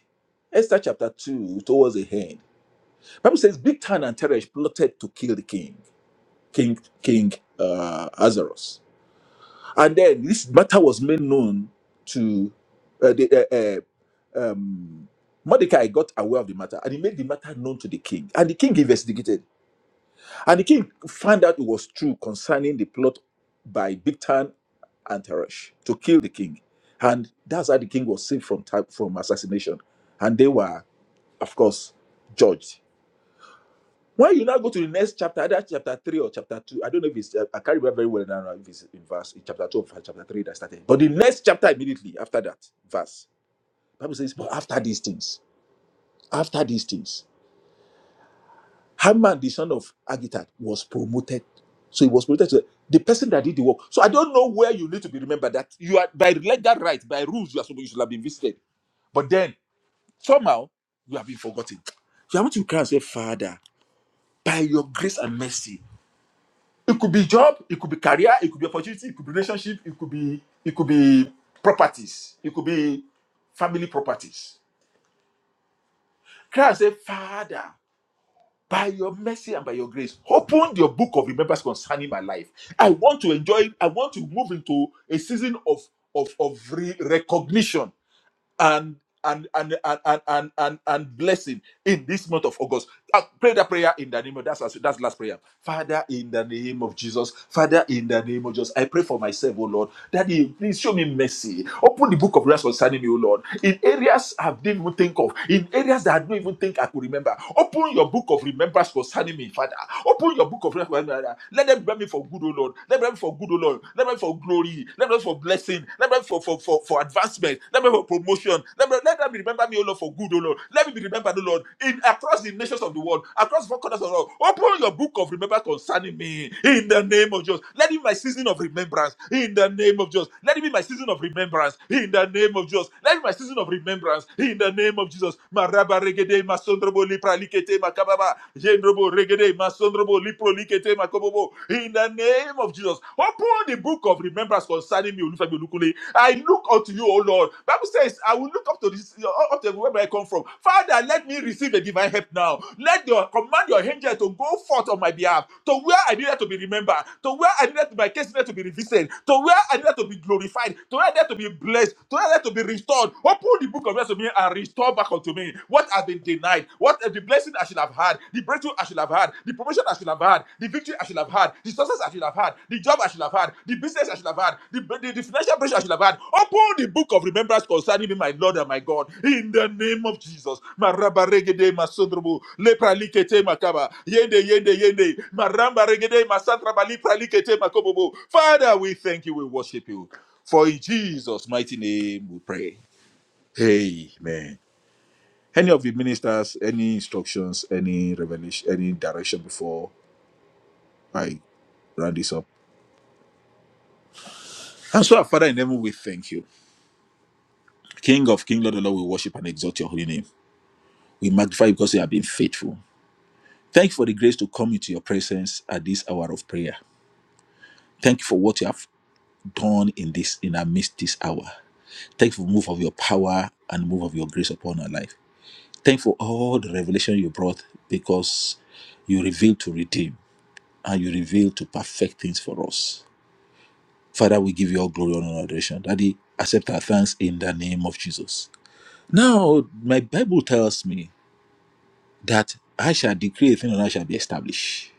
Esther chapter two towards the end. Bible says Bigtan and Teresh plotted to kill the king, King King uh, Ahasuerus. And then this matter was made known to uh, the uh, uh, um, Mordecai got aware of the matter and he made the matter known to the king. And the king investigated. And the king found out it was true concerning the plot by Bigtan and Teresh to kill the king. And that's how the king was saved from, type, from assassination. And they were, of course, judged why you now go to the next chapter, either chapter 3 or chapter 2, I don't know if it's, I can't remember very well now if it's in verse, in chapter 2 or chapter 3 that started. But the next chapter immediately after that verse, Bible says, but after these things, after these things, Haman, the son of Agitad was promoted. So he was promoted to the person that did the work. So I don't know where you need to be remembered that you are, by legal right, by rules, you are supposed, you should have been visited. But then, somehow, you have been forgotten. You have to cry and say, Father, by your grace and mercy, It could be job, it could be career, it could be opportunity, it could be relationship, it could be it could be properties, it could be family properties. Cry and say, Father, by your mercy and by your grace, open your book of remembrance concerning my life. I want to enjoy, I want to move into a season of of, of re- recognition and and and and and and, and, and blessing in this month of August. Uh, pray that prayer in the name of that's that's last prayer. Father, in the name of Jesus, Father, in the name of Jesus, I pray for myself, oh Lord, that you please show me mercy. Open the book of prayers concerning me, oh Lord. In areas I didn't even think of, in areas that I don't even think I could remember. Open your book of remembrance concerning me, Father. Open your book of remembrance. Let them remember me for good, oh Lord. Let them remember me for good, oh Lord. Let them remember me for glory glory. Let them for blessing. Let them for, for, for, for advancement. Let them for promotion. Let them, let them remember me, O Lord, for good, O Lord. Let me be remembered, O Lord, in across the nations of the world, across four corners of the world. Open your book of remembrance concerning me in the name of Jesus. Let it be my season of remembrance in the name of Jesus. Let it be my season of remembrance in the name of Jesus. Let it be my season of remembrance in the name of Jesus. Maraba regede masondrobo lipralikete makababa. Jendrobo regede masondrobo in the name of Jesus. Open the book of remembrance concerning me, I look unto you, O Lord. Bible says, I will look up to this uh, up to wherever I come from. Father, let me receive a divine help now. Let your command your angel to go forth on my behalf to where I needed to be remembered, to where I needed to, my case needed to be revisited, to where I needed to be glorified, to where I needed to be blessed, to where I needed to be restored. Open the book of remembrance to me and restore back unto me what has been denied, what if the blessing I should have had, the breakthrough I should have had, the promotion I should have had, the victory I should have had, the success I should have had, the job I should have had, the business I should have had, the, the, the financial pressure I should have had. Open the book of remembrance concerning me, my Lord and my God, in the name of Jesus. Maraba regede masodrobo, lepra likete makaba, yende yende yende, maramba regede masantraba, lepra likete makobobo. Father, we thank you, we worship you. For in Jesus' mighty name we pray. Amen. Any of the ministers, any instructions, any revelation, any direction before I round this up? And so, our Father in heaven, we thank you. King of King, Lord of Lord, we worship and exalt your holy name. We magnify you because you have been faithful. Thank you for the grace to come into your presence at this hour of prayer. Thank you for what you have done in this in our midst this hour. Thank you for the move of your power and move of your grace upon our life. Thank you for all the revelation you brought because you reveal to redeem and you reveal to perfect things for us. Father, we give you all glory, honor, and adoration. Daddy, accept our thanks in the name of Jesus. Now, my Bible tells me that I shall decree a thing and I shall be established.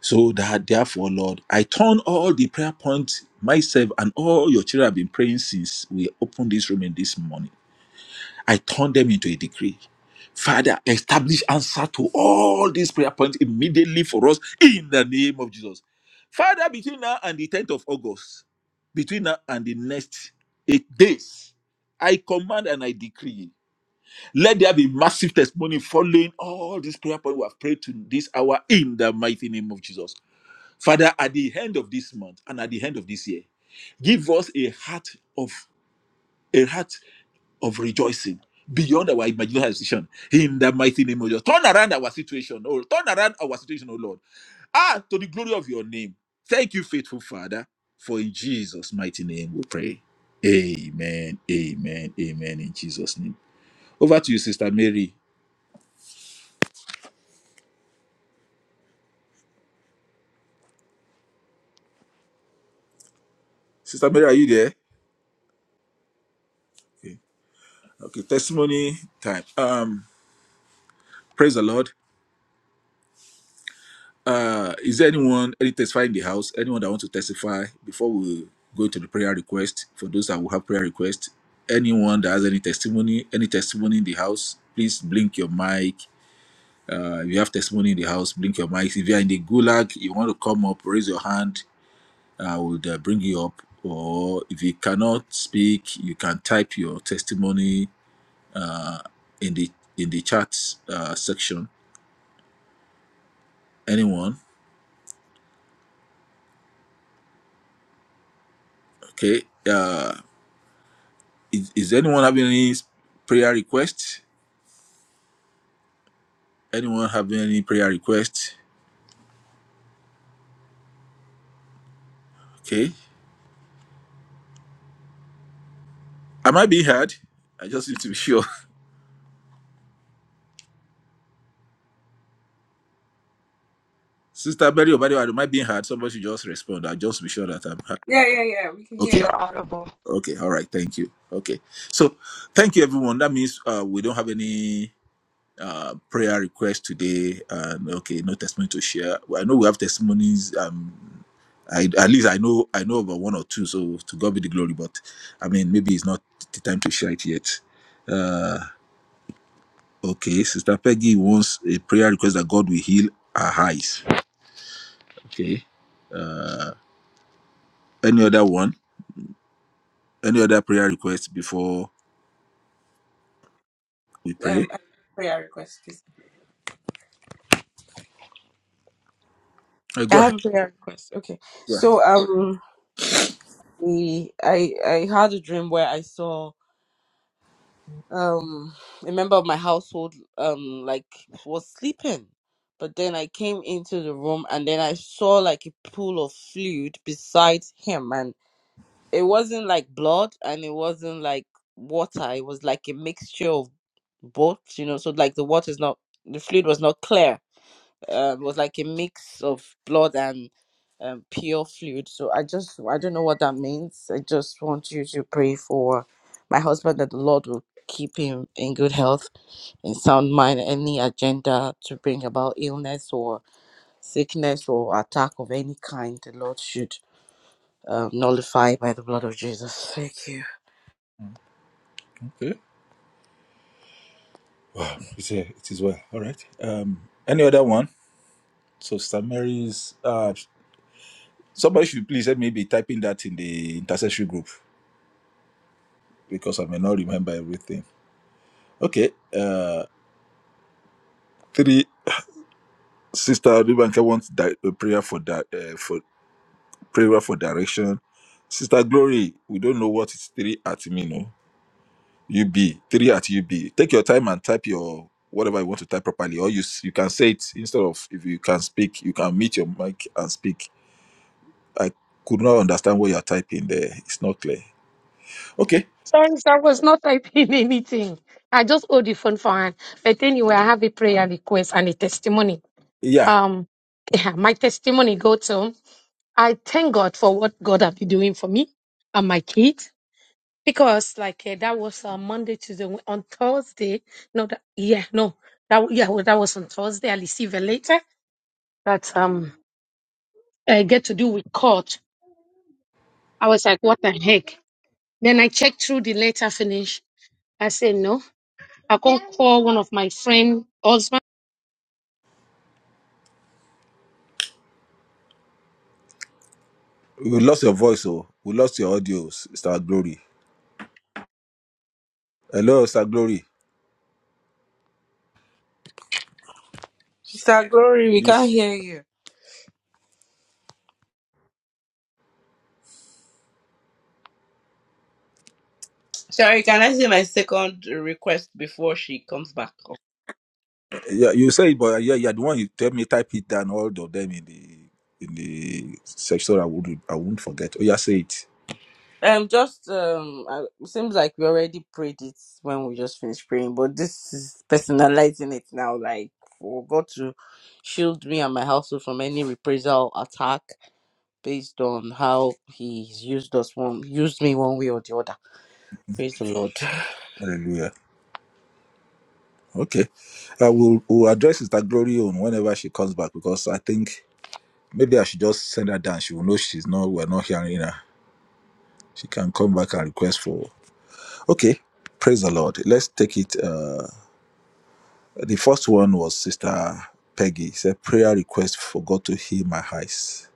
So that therefore, Lord, I turn all the prayer points myself and all your children have been praying since we opened this room in this morning. I turn them into a decree. Father, establish answer to all these prayer points immediately for us in the name of Jesus. Father, between now and the 10th of August, between now and the next eight days, I command and I decree. Let there be massive testimony following all these prayer points we have prayed to this hour in the mighty name of Jesus. Father, at the end of this month and at the end of this year, give us a heart of a heart of rejoicing beyond our imagination in the mighty name of Jesus. Turn around our situation, oh, turn around our situation, oh Lord. Ah, to the glory of your name. Thank you, faithful Father, for in Jesus' mighty name we pray. Amen, amen, amen, in Jesus' name. Over to you, Sister Mary. Sister Mary, are you there? Okay, okay testimony time. Um, praise the Lord. Uh, is there anyone, any testify in the house? Anyone that want to testify before we go to the prayer request? For those that will have prayer request, anyone that has any testimony, any testimony in the house, please blink your mic. Uh, if you have testimony in the house, blink your mic. If you are in the gulag, you want to come up, raise your hand. I would uh, bring you up. Or if you cannot speak, you can type your testimony uh, in the in the chat uh, section. Anyone? Okay. Uh, Is, is anyone having any prayer requests? Anyone having any prayer requests? Okay. Am I being heard? I just need to be sure. Sister Mary Obadiah, am I being heard? Somebody should just respond. I'll just be sure that I'm heard. Okay.
You're audible.
Okay. All right. Thank you. Okay. So thank you, everyone. That means uh, we don't have any uh, prayer requests today. And okay, no testimony to share. Well, I know we have testimonies. Um, I, at least I know I know about one or two, so to God be the glory. But I mean, maybe it's not the time to share it yet. Uh, okay, Sister Peggy wants a prayer request that God will heal her eyes. Okay. Uh, any other one? Any other prayer request before we
um I have
pray?
a prayer request please.
Uh,
I
go
have
ahead.
a prayer request. Okay.
Go ahead.
So um we I I had a dream where I saw um a member of my household um like was sleeping. But then I came into the room and then I saw like a pool of fluid beside him and it wasn't like blood and it wasn't like water. It was like a mixture of both, you know, so like the water is not the fluid was not clear um, was like a mix of blood and um, pure fluid. So I just, I don't know what that means. I just want you to pray for my husband that the Lord will keep him in good health, in sound mind, any agenda to bring about illness or sickness or attack of any kind, the Lord should um, nullify by the blood of Jesus. Thank you.
Okay. Wow, it's a, it is well. All right. Um, any other one? So Sister Mary's. Uh, somebody should please help me be typing that in the intercessory group because I may not remember everything. Okay. uh, Three, Sister Adubanka wants di- a prayer for that uh, for prayer for direction. Sister Glory, we don't know what is three at me, no. UB three at UB. Take your time and type your whatever you want to type properly, or you s- you can say it instead of if you can speak, you can mute your mic and speak. I could not understand what you're typing there. It's not clear. Okay,
Sorry, sir, I was not typing anything. I just hold the phone for hand. But anyway, I have a prayer request and a testimony.
yeah,
Um, yeah, my testimony go to I thank God for what God have been doing for me and my kids because like eh, that was uh, Monday, Tuesday, Wed- on Thursday. No, that yeah, no, that w- yeah, well, that was on Thursday. I received a letter that um I get to do with court. I was like, what the heck? Then I checked through the letter finish. I said no. I can't call one of my friend husband
we lost your voice, oh, we lost your audio, Sister Glory. Hello, Sister Glory.
Sister Glory, we
You.
can't hear you. Sorry, can I say my second request before she comes back?
Yeah, you say, it, but yeah, yeah, the one you tell me type it down, all of them in the in the section. I would I won't forget. Oh yeah, say it.
Um, just um, I- it seems like we already prayed it when we just finished praying, but this is personalizing it now. Like for God to shield me and my household from any reprisal attack based on how He's used us one, used me one way or the other. Praise the Lord.
Hallelujah. Okay, I will will address Sister Glory on whenever she comes back because I think maybe I should just send her down. She will know she's not. We're not hearing her. She can come back and request for. Okay, praise the Lord. Let's take it. Uh, the first one was Sister Peggy. It's a prayer request for God to heal my eyes.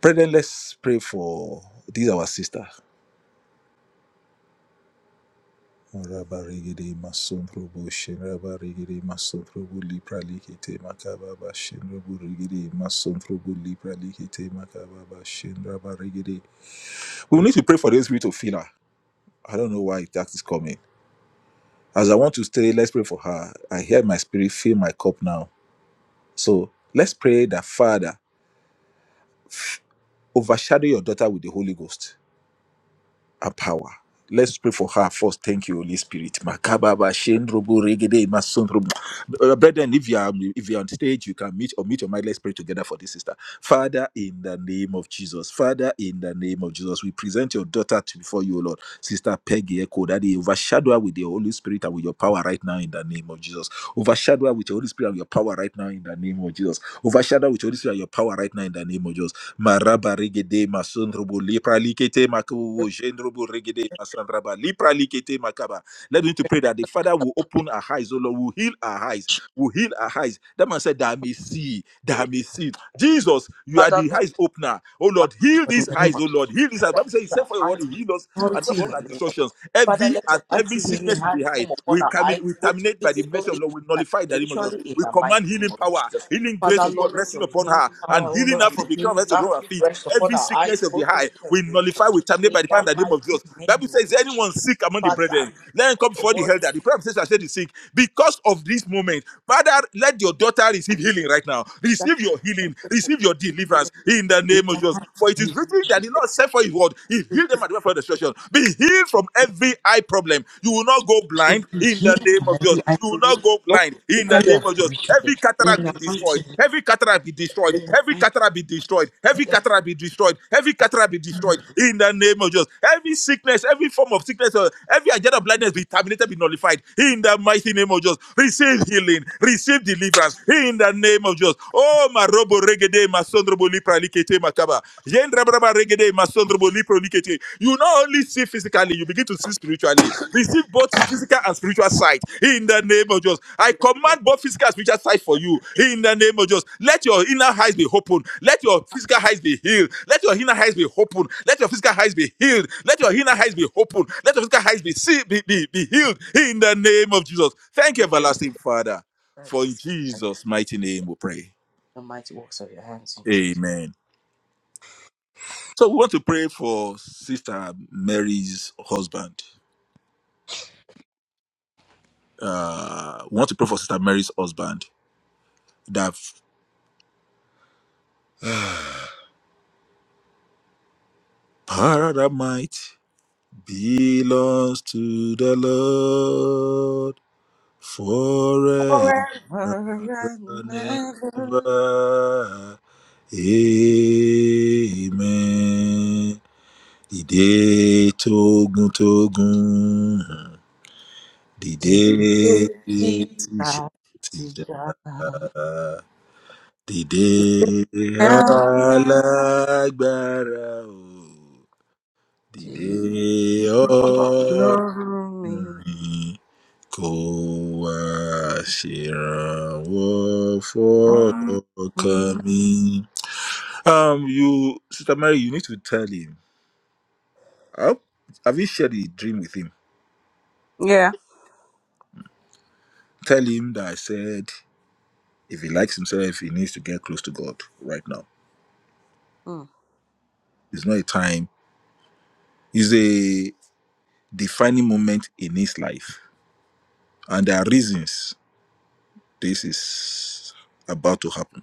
Brethren, let's pray for these our sister. Rabarigiri Masundrubu Shirabarigiri Masundrubu Lipra Likite Makababa Shinrubu Rigiri Masundrubu Lipra Likite Makababa Shinrabarigiri. We need to pray for the Holy Spirit to fill her. I don't know why that is coming. As I want to stay, let's pray for her. I hear my spirit fill my cup now. So let's pray that Father, f- overshadow your daughter with the Holy Ghost and power. Let's pray for her first. Thank you, Holy Spirit. Makababa, Shendrobo, Regede, Masondrobo. Uh, Brethren, if you are um, if you are on stage, you can meet or meet your mind. Let's pray together for this sister. Father, in the name of Jesus. Father, in the name of Jesus, we present your daughter to before you, O Lord. Sister Peggy Echo, that you overshadow her with the Holy Spirit and with your power right now in the name of Jesus. Overshadow her with your Holy Spirit and your power right now in the name of Jesus. Overshadow her with your Holy Spirit and your power right now in the name of Jesus maraba regede masondrobo lipra likete makobo jendrobo regede masondraba lipra likete makaba. Let me to pray that the Father will open our eyes, O Lord, will heal our eyes, will heal our eyes. That man said, that I may see, that I may see. Jesus, you are
Father,
the
Lord,
eyes opener. Oh Lord, heal
in
these
the name
eyes,
of-
oh
Jesus,
Lord, heal these eyes.
Father,
Bible says,
you
He said for your
are
word, He
anti-
heal us and
authority in the
perform our
name of
distortions.
Father,
Every
let your
at every
mighty healing
sickness in
hand
the eye,
come upon
we
our
come in,
eyes,
we
both
terminate by the mercy of
physically
Lord, we
and
nullify in the name of Jesus.
spiritually, in
We
the mighty
command
name
healing
of
power,
Jesus.
healing grace
Father,
of God
Lord, let
resting
your
upon
healing
her and
power, O
healing
Lord,
her
and
from
your
the crown
healing
sickness to
balm
our feet,
rest upon
every
our
sickness
eyes,
of the
both
high,
physically and
we nullify,
spiritually,
we terminate
in
by the power and
the
the name of
mighty
Jesus. Bible
name
says,
of
"Is there anyone
Jesus.
sick among the
Father,
brethren, let him come
Lord,
before the
word
elder. The prayer says, I said the sick, because of this moment, Father, let your daughter receive healing right now.
that
Receive your healing, receive your deliverance in the
in
name of
the
Jesus.
heart
For it is written that the Lord sent for his word, he healed them at the word for destruction. Be healed from every eye problem. You will not go blind
should be
in the
healed
name of
from
of Jesus.
every eye,
You will
both
not go blind in the
physically
name
and
of Jesus.
spiritually,
Every
in
cataract be
the mighty
destroyed.
name
Every cataract be destroyed. Every cataract be destroyed.
of
Every cataract be destroyed. Every cataract be destroyed in the name of Jesus. Every sickness, every form of sickness, uh, every agenda of blindness be terminated, be nullified in the mighty name of Jesus. Receive healing, receive deliverance in the name of Jesus. Oh, my robo regede, my son robo lipra likete makaba. Yen you not only see physically, you begin to see spiritually. Receive both physical and spiritual sight in the name of Jesus. I command both physical and spiritual sight for you in the name of Jesus. Let your inner eyes be open. Let your physical eyes be healed. Let your inner eyes be open. Let your physical eyes be healed. Let your inner eyes be open. Let your physical eyes be see, be, be, be healed in the name of Jesus. Thank you,
Jesus.
everlasting Father. For
And
in Jesus' mighty name we pray.
The mighty works of your hands in Jesus.
Amen. So we want to pray for Sister Mary's husband. Uh, we want to pray for Sister Mary's husband that paradise belongs to the Lord forever
Forever and
and
ever.
ever. Amen. Dìde tógun tógun, dìde tíṣà tíṣà. Dìde alágbára o, dìde ọ̀rìn kò wá ṣèrànwọ́ fọ́kàn mi. Um, you, Sister Mary, you need to tell him. Huh? Have you shared the dream with him?
Yeah.
Tell him that I said if he likes himself, he needs to get close to God right now.
Mm,
It's not a time, it's a defining moment in his life and there are reasons this is about to happen.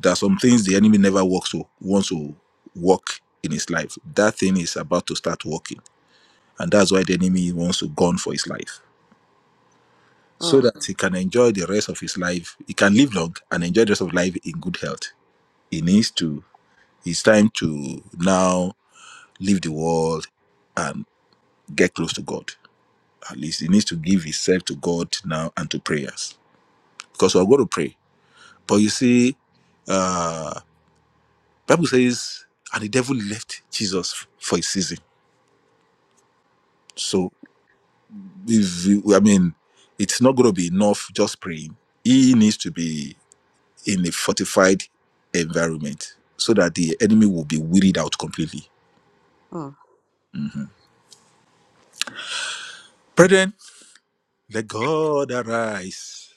There are some things the enemy never works to wants to work in his life. That thing is about to start working, and that's why the enemy wants to gun for his life, so
mm,
that he can enjoy the rest of his life. He can live long and enjoy the rest of life in good health. He needs to. It's time to now leave the world and get close to God. At least he needs to give himself to God now and to prayers because we're going to pray. But you see, uh, Bible says, and the devil left Jesus for a season. So, if you- I mean, it's not going to be enough just praying. He needs to be in a fortified environment so that the enemy will be wearied out completely.
mm.
Brethren, let God arise.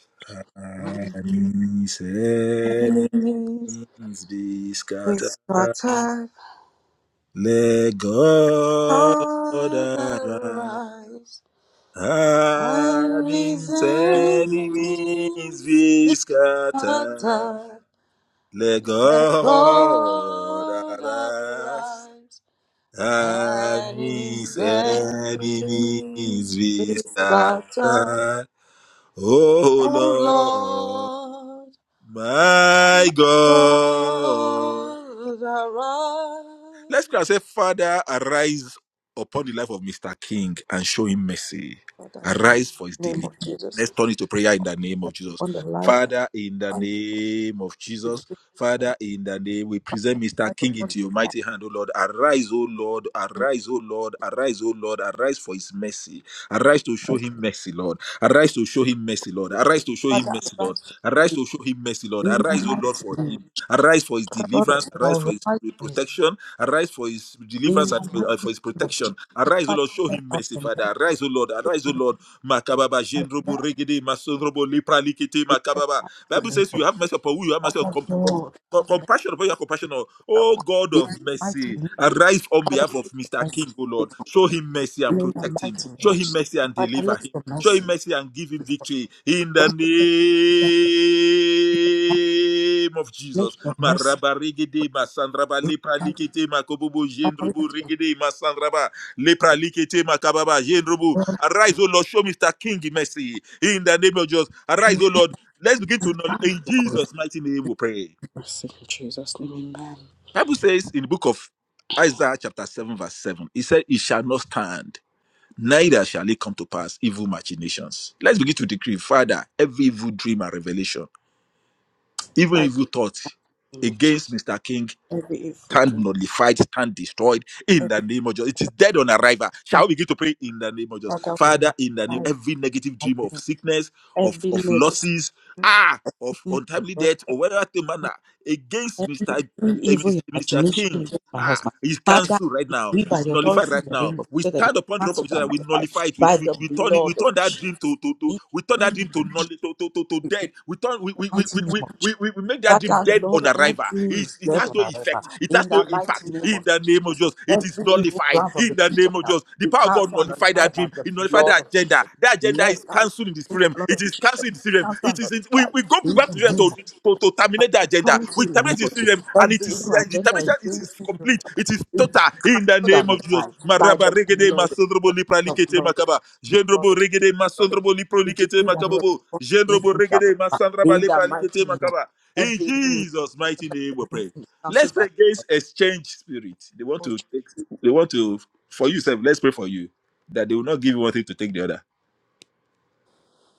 And his enemies
Enemies,
be scattered.
It's my
Let God
All that
arise.
rise. i
Hiding
these
enemies
enemies.
be
My
scattered.
time.
Let
That
God
God
arise.
arise.
And
And his
his
enemies
enemies
be
be
scattered.
scattered. Oh
Oh
Lord,
Lord,
my
my
God.
God,
Let's pray.
arise.
and say, Father, arise upon the life of Mr. King and show him mercy.
Father, in the
Arise for his
name of
deliverance.
Jesus,
Let's turn it to prayer in the name of Jesus.
on the life of
Father, in the
one
name of
individual,
Jesus. Father, in the name, we present Mr.
life
King
upon
into your
the
mighty hand, O Lord. Arise, O Lord, arise, O Lord, arise, O Lord, arise for his mercy. Arise to show
life.
him mercy, Lord. Arise to show him mercy, Lord. Arise to show him
Father,
mercy, Lord.
arise
Arise to show him mercy, Lord.
in the
Arise, O Lord,
mighty
for
name.
him. Arise for his
God,
deliverance.
arise
Arise for his
for his-
protection. Arise for his
in
deliverance
the
and for, uh,
mighty
for his
name of
protection.
Jesus.
Arise, O
Father,
Lord. Show him
arise
mercy,
in the
Father. Arise, O Lord. Arise, O Lord. Makababa,
mighty
Jendrobo, Regede, Masondrobo, Lipra, Likete, Makababa. Bible
name
says you
of
have
Jesus.
mercy upon who you have mercy on.
Father,
Com- com- com-
Lord.
compassion upon your compassion. on.
that
Oh
one.
God
In the
of
mighty
mercy.
name,
Arise on
Father,
behalf of
let your
Mr.
mercy
King, O Lord.
speak.
Show him mercy and
In the
protect him.
mighty name
Show
of
him
Jesus,
mercy and
Father,
deliver
let
him.
your
Show him
mercy
mercy and give him victory in the
grant to them.
name of
Let
Jesus.
your mercy
Maraba rigidi masandraba
be
lepra
granted.
likete makobobo
Father,
jendrubu
let your
rigidi masandraba lepra likete makababa jendrubu.
God
Arise, O Lord, show Mr. King mercy in the name of Jesus.
show
Arise, O Lord. Let's begin to
them
know
bounds
in
to God.
Jesus' mighty name we pray.
Mercy in Jesus' name, amen.
Bible says in the book of Isaiah chapter 7 verse 7, it said, it shall not stand, neither shall it come to pass evil machinations. Let's begin to decree, Father, every evil dream and revelation, even
Father,
evil thought
in the name of Jesus,
against Mr. King
every evil
stand
dream,
nullified, stand destroyed in the
everything,
name of Jesus. It is dead on arrival. Shall we begin to pray in the name of Jesus?
Father, we
Father,
know.
in the name,
Father, in the
every negative dream
mighty
of
name,
sickness, of,
Every
of
negative,
losses, ah, of untimely death, or whatever the manner against Mr
Every
eh, Mis-
evil
Mr.
imagination
King.
against my
Ah,
husband.
he's
Father, I
cancelled right now.
decree by
He's
the
nullified
authority in
right
the
now.
name of
We
God that it is
stand upon the rock of
cancelled
Jesus
and
and we
notified
nullify it. We,
by
we,
the
we turn it, we
blood of
turn that dream
Jesus.
to to, to
In
we turn
the
that
name
dream
of
to null to, to, to, to
Jesus,
dead. We turn we
the
we, we,
mighty
we,
name
we,
of Jesus.
we we we make that dream
Father,
dead on
Lord, that
arrival.
dream is
It's, it
dead
has
on
no effect,
arrival.
it
In
has no
the mighty
impact
name
in
of
the name of
Jesus,
Jesus. It is
every evil
nullified
plan from the
in the
pit of
name of
hell,
Jesus. The
be
power of God
cancelled and
nullified
notified
that
by
dream realm.
the
He notified the
blood of
agenda.
Jesus.
The agenda
Let
is
that
cancelled in the
let
spirit
the
realm.
blood
It
of
is cancelled
Jesus
in the spirit realm.
cancel
It
and
is. in- we, we
notify.
go
In
back to
the
them to,
name of Jesus
to, to terminate the agenda.
come to
We
you in the name
terminate the
of
spirit
Jesus.
realm, and it
Every
is
evil
uh, the
agenda
termination. It is
against me will be
complete. It is
cancelled
total in the
and
name of Jesus.
nullified by
Maraba
the
regede
blood of
masondrobo
Jesus, the
lipralikete
blood of Jesus,
makaba.
the blood
Jendrobo
of Jesus,
regede
the blood of
masondrobo
Jesus. We
liprolikete
decree that we
makabobo.
perform
Jendrobo
against me shall
regede
prosper.
masandraba
in the
lipralikete
mighty name of
makaba. In
every evil is
Jesus' mighty name, we pray.
against me is
Let's
cancelled by
pray
the
against exchange spirit. They want
blood of
to.
Jesus.
They want to. For you, sir. Let's pray for you that they will not give you one thing to take the other.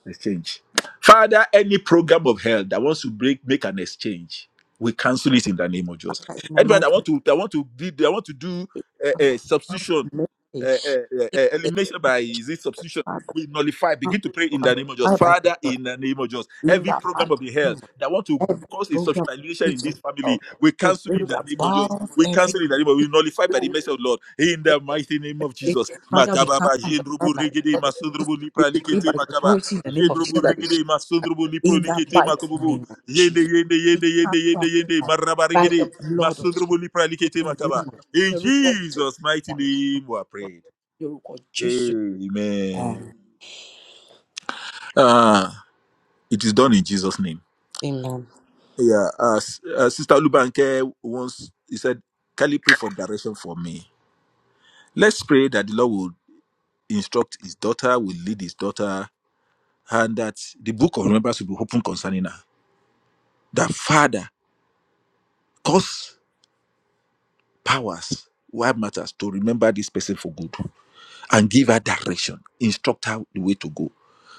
Exchange. Father, any program of hell that wants to break, make an exchange, we cancel it in the name of Jesus.
Father, in the
Anybody
mighty
that want to, that want to be, that want to do
name
a,
of Jesus,
substitution
may the evil
uh,
is
uh, uh, uh, elimination by is it substitution.
cancelled
We nullify.
and
Begin to pray in the name of Jesus,
nullified by the
Father.
blood
In the name of Jesus,
in the mighty name
every
of
program of the
Jesus.
hell that want to
every
cause a social
program
alienation
preach
in
of
this family,
yourself,
we
to
cancel
bring
in the name of Jesus.
above
We
every
cancel in the name of. We nullify by the
rule,
mercy of the Lord in
every
the mighty name of Jesus.
restriction. Father, we come
Makababa
and
jendrubu
abide by
regede
the word.
masundrubu
We
lipra
decree by
likete
the
makaba
authority in the name of
jendrubu
Jesus that is
regede masundrubu lipro
in the
likete
mighty
makububu
name of
yende
Jesus.
yende
We
yende
come
yende
from
yende yende
above
maraba
by
regede
the blood of
masundrubu
Jesus.
lipra
In
likete
the
makaba
name of Jesus.
in
Your word, Jesus.
Jesus' mighty name, we are prayed.
Your word, Jesus.
Amen. Ah, it is done in Jesus' name.
Amen.
Yeah, uh, S- uh, Sister Lubanke once he said, "Can you pray for direction for me?" Let's pray that the Lord will instruct His daughter, will lead His daughter, and that the book of remembrance will be opened concerning her. That Father cause powers, why matters to remember this person for good. and give her direction, instruct her the way to go.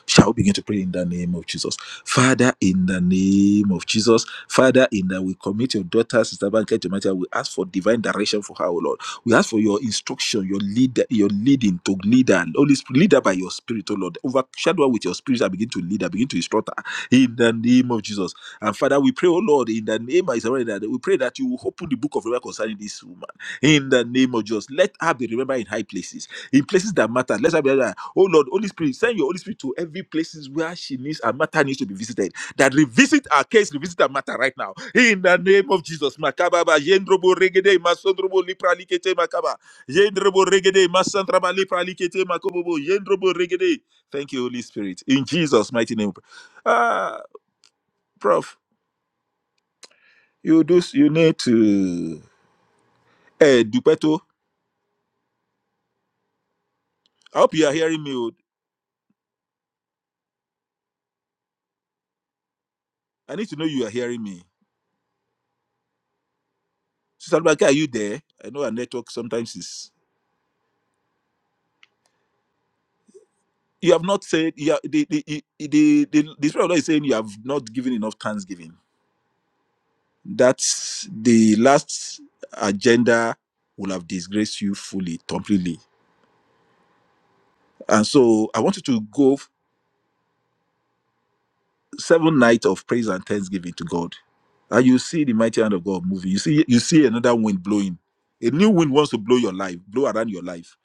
Shall we begin to pray in the name of Jesus? Father, in the name of Jesus, Father, in that we commit your daughter, Sister Banker Jamaica, we ask for divine direction for her, O Lord. We ask for your instruction, your leader, your leading to lead her, Holy Spirit, lead her by your spirit, O Lord. Overshadow her with your spirit and begin to lead her, begin to instruct her in the name of Jesus. And Father, we pray, O Lord, in the name of Israel, that we pray that you will open the book of Revelation concerning this woman. In the name of Jesus, let her be remembered in high places in places that matter. Let's have that. Oh Lord, Holy Spirit, send your Holy Spirit to every places where she needs and matter needs to be visited. That revisit our case, revisit our matter right now. In the name of Jesus. Makababa, Yendrobo Regede, Masondrobo Lipra Likete Makaba. Yendrobo Regede, Masandraba Lipra Likete Makobobo. Yendrobo Regede. Thank you, Holy Spirit. In Jesus' mighty name. Ah, Prof, you do you need to eh Dupeto. I hope you are hearing me. oh. I need to know you are hearing me Sister Abubakar, are you there? I know our network sometimes is. You have not said you are, the, the, the, the, the, the Spirit of God is saying you have not given enough thanksgiving. That's the last agenda will have disgraced you fully, completely. And so I want you to go f- seven nights of praise and thanksgiving to God. And you see the mighty hand of God moving. You see, you see another wind blowing. A new wind wants to blow your life, blow around your life.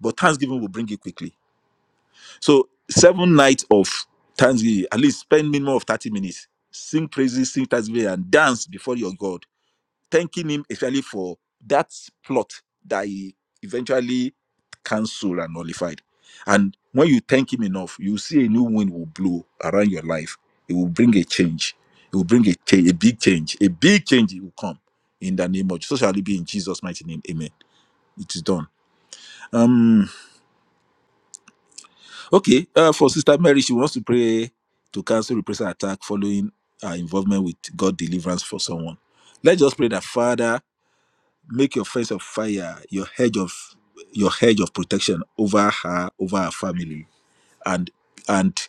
But thanksgiving will bring it quickly So seven nights of Thanksgiving, at least spend minimum of 30 minutes. Sing praises, sing Thanksgiving, and dance before your God, thanking him especially for that plot that he eventually cancelled and nullified. And when you thank him enough, you see a new wind will blow around your life. It will bring a change. It will bring a change, a big change. A big change it will come in the name of Jesus. So shall it be in Jesus' mighty name. Amen. It is done. Um. Okay, uh, for Sister Mary, she wants to pray to cancel reprisal attack following her involvement with God deliverance for someone. Let's just pray that Father, make your face of fire, your hedge of your hedge of protection over her, over her family and and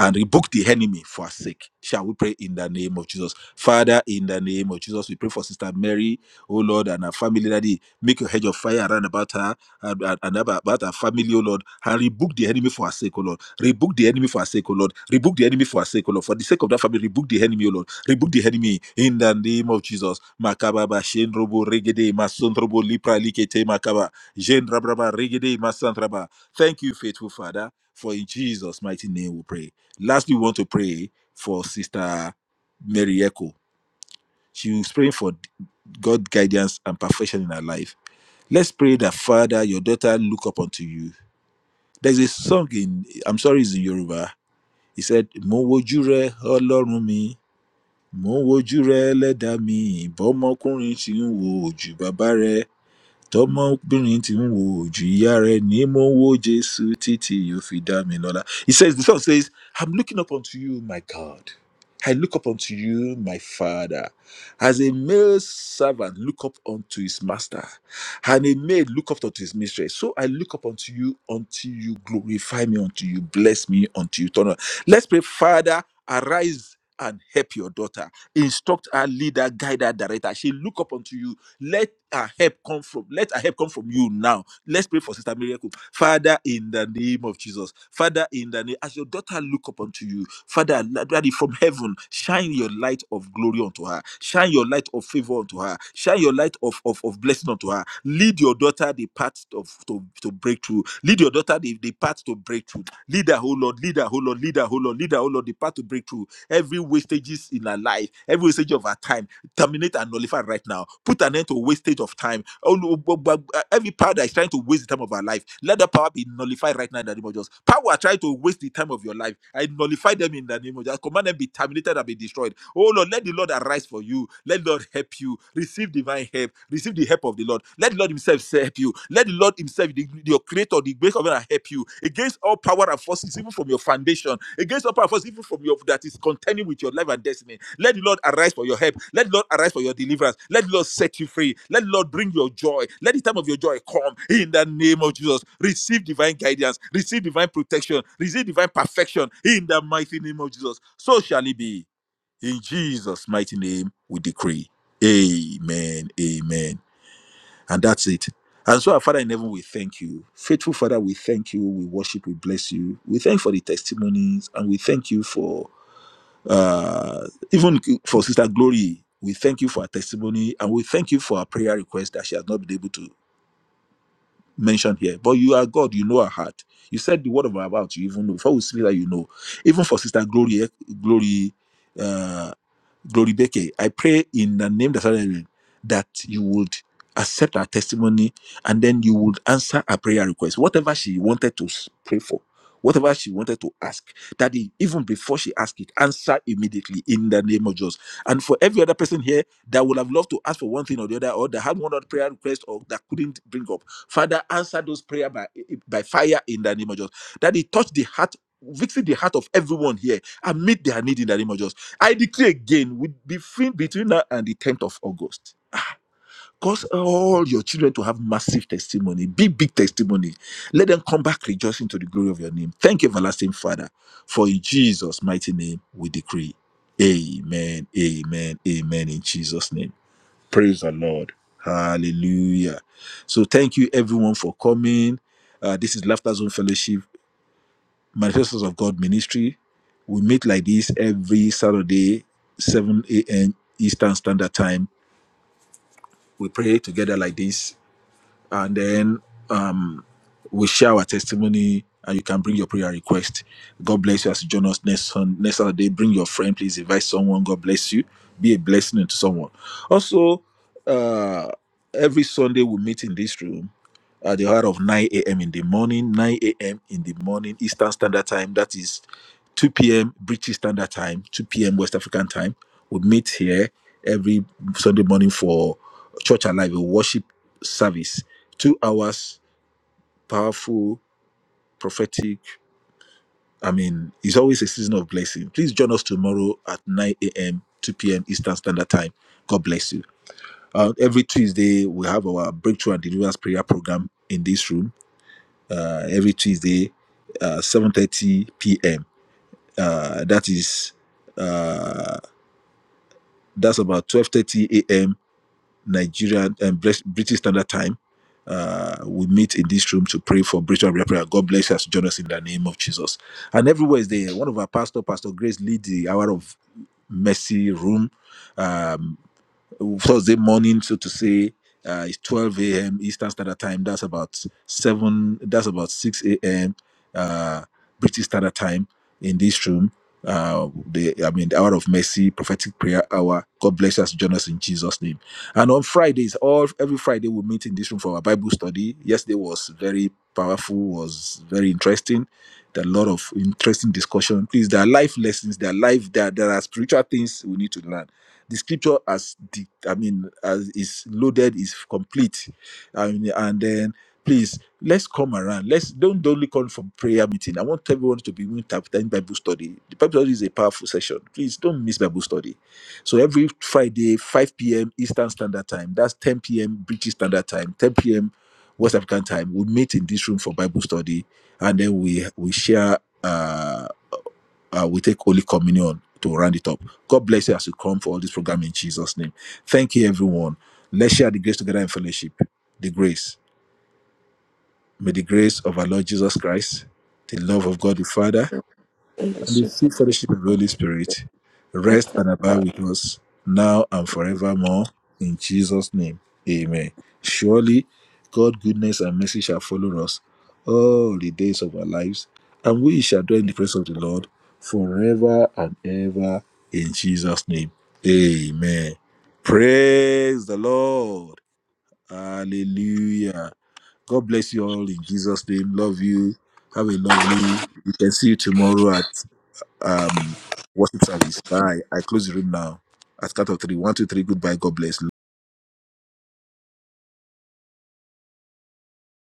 and rebuke the enemy for our sake. Shall we pray in the name of Jesus? Father, in the name of Jesus, we pray for Sister Mary, oh Lord, and her family, Daddy. Make your hedge of fire around about her and, and- and about, about her family, oh Lord, and rebuke the enemy for her sake, oh Lord. Rebuke the enemy for her sake, oh Lord. Rebuke the enemy for her sake, oh Lord. For the sake of that family, rebuke the enemy, oh Lord. Rebuke the enemy in the name of Jesus. Makababa, Shenrobo, Regede, Masondrobo, Lipra, Likete, Makaba, Jendrabraba, Regede, Masandraba. Thank you, faithful Father. For in Jesus' mighty name we pray. Lastly, we want to pray for Sister Mary Echo. She was praying for God guidance and perfection in her life. Let's pray that Father, your daughter look up unto you. There's a song in I'm sorry it's in Yoruba. He said, Mo wojú rẹ Ọlọ́run mi, mo wojú rẹ ẹlẹ́dàá mi, bọ́mọkùnrin ti ń wo ojú bàbá rẹ̀." Tọmọbìnrin tí ń wo ojú ìyá rẹ̀ ni mo ń wo Jésù títí yóò fi dá mi lọ́lá. He says, the song says, I'm looking up unto you, my God. I look up unto you, my Father. As a male servant look up unto his master, and a maid look up unto his mistress. So I look up unto you until you glorify me, until you bless me, until you turn on. Let's pray, Father, arise and help your daughter. Instruct her, leader, guide her, direct her. She look up unto you let our help come from let our help come from you now. Let's pray for Sister Miracle. Father, in the name of Jesus. Father, in the name as your daughter look up unto you, Father, Daddy, from heaven, shine your light of glory unto her. Shine your light of favor unto her. Shine your light of, of, of blessing unto her. Lead your daughter the path of to, to breakthrough. Lead your daughter the, the path to breakthrough. Lead her, oh Lord, lead her, oh Lord, lead her, oh Lord, lead her, oh Lord, the path to breakthrough. Every wastages in her life, every wastage of her time, terminate and nullify right now. Put an end to wastage of time. Oh, no, bu- bu- uh, Every power that is trying to waste the time of our life, let that power be nullified right now in the name of Jesus. Power trying to waste the time of your life, I nullify them in the name of Jesus. Command them be terminated and be destroyed. Oh Lord, let the Lord arise for you. Let the Lord help you. Receive divine help. Receive the help of the Lord. Let the Lord Himself help you. Let the Lord Himself, the, your creator or the grace of God that help you against all power and forces, even from your foundation, against all power and forces, even from your that is contending with your life and destiny. Let the Lord arise for your help. Let the Lord arise for your deliverance. Let the Lord set you free. Let the Lord bring your joy. Let the time of your joy come in the name of Jesus. Receive divine guidance. Receive divine protection. Receive divine perfection in the mighty name of Jesus. So shall it be. In Jesus' mighty name, we decree. Amen. Amen. And that's it. And so, our Father in heaven, we thank you. Faithful Father, we thank you. We worship, we bless you. We thank you for the testimonies, and we thank you for uh, even for Sister Glory. We thank you for her testimony, and we thank you for her prayer request that she has not been able to mention here. But you are God, you know her heart. You said the word of our mouth, you even know. Before we speak that, you know. Even for Sister Glory, eh, Glory. uh, Glory Beke, I pray in the name that's above every name that you would accept our testimony and then you would answer our prayer request. Whatever she wanted to s- pray for, whatever she wanted to ask, that even before she asked it, answer immediately in the name of Jesus. And for every other person here that would have loved to ask for one thing or the other, or that had one other prayer request or that couldn't bring up, Father, answer those prayer by, by fire in the name of Jesus. That he touch the heart, victory the heart of everyone here and meet their need in the name of Jesus I declare again, with between between now and the 10th of August, ah, cause all your children to have massive testimony, big, big testimony. Let them come back rejoicing to the glory of your name. Thank you, everlasting Father, for in Jesus' mighty name we decree. Amen, amen, amen, in Jesus' name. Praise the Lord. Hallelujah. So thank you, everyone, for coming. Uh, this is Laughter Zone Fellowship. Manifestos of God Ministry. We meet like this every Saturday, 7 a.m. Eastern Standard Time. We pray together like this and then um, we share our testimony and you can bring your prayer request. God bless you as you join us next, Sun- next Saturday. Bring your friend, please invite someone. God bless you. Be a blessing to someone. Also, uh, every Sunday we meet in this room at the hour of 9 a.m. in the morning, 9 a.m. in the morning, Eastern Standard Time. That is 2 p.m. British Standard Time, 2 p.m. West African Time. We meet here every Sunday morning for Church Alive, a worship service two hours powerful prophetic i mean it's always a season of blessing please join us tomorrow at 9 a.m 2 p.m eastern standard time god bless you uh, every tuesday we have our breakthrough and deliverance prayer program in this room uh, every tuesday uh, 7.30 p.m uh, that is uh, that's about 12.30 a.m Nigerian and um, British Standard Time. Uh, we meet in this room to pray for Britain and prayer. God bless us, join us in the name of Jesus. And everywhere is there. One of our pastor, Pastor Grace, lead the hour of mercy room. Um, Thursday morning, so to say, uh, it's 12 a.m. Eastern Standard Time. That's about seven. That's about 6 a.m. Uh, British Standard Time in this room. Uh, the I mean, the hour of mercy, prophetic prayer hour. God bless us, join us in Jesus' name. And on Fridays, all every Friday we meet in this room for our Bible study. Yesterday was very powerful, was very interesting. There are a lot of interesting discussion. Please, there are life lessons, there are life, there, there are spiritual things we need to learn the scripture as the i mean as is loaded is complete I mean, and then please let's come around let's don't only come for prayer meeting i want everyone to be doing tap- time bible study the bible study is a powerful session please don't miss bible study so every friday 5 p.m eastern standard time that's 10 p.m british standard time 10 p.m west african time we meet in this room for bible study and then we we share Uh, uh, we take Holy Communion to round it up. God bless you as you come for all this program in Jesus' name. Thank you, everyone. Let's share the grace together in fellowship. The grace. May the grace of our Lord Jesus Christ, the love of God the Father,
In
and
this
the
way.
sweet fellowship of the Holy Spirit rest and abide with us now and forevermore. In Jesus' name, amen. Surely, God' goodness and mercy shall follow us all the days of our lives, and we shall dwell in the presence of the Lord forever and ever. In Jesus' name, amen. Praise the Lord. Hallelujah. God bless you all in Jesus' name. Love you. Have a lovely. We can see you tomorrow at um worship service. Bye. I close the room now. At count of three. One, two, three. Goodbye. God bless.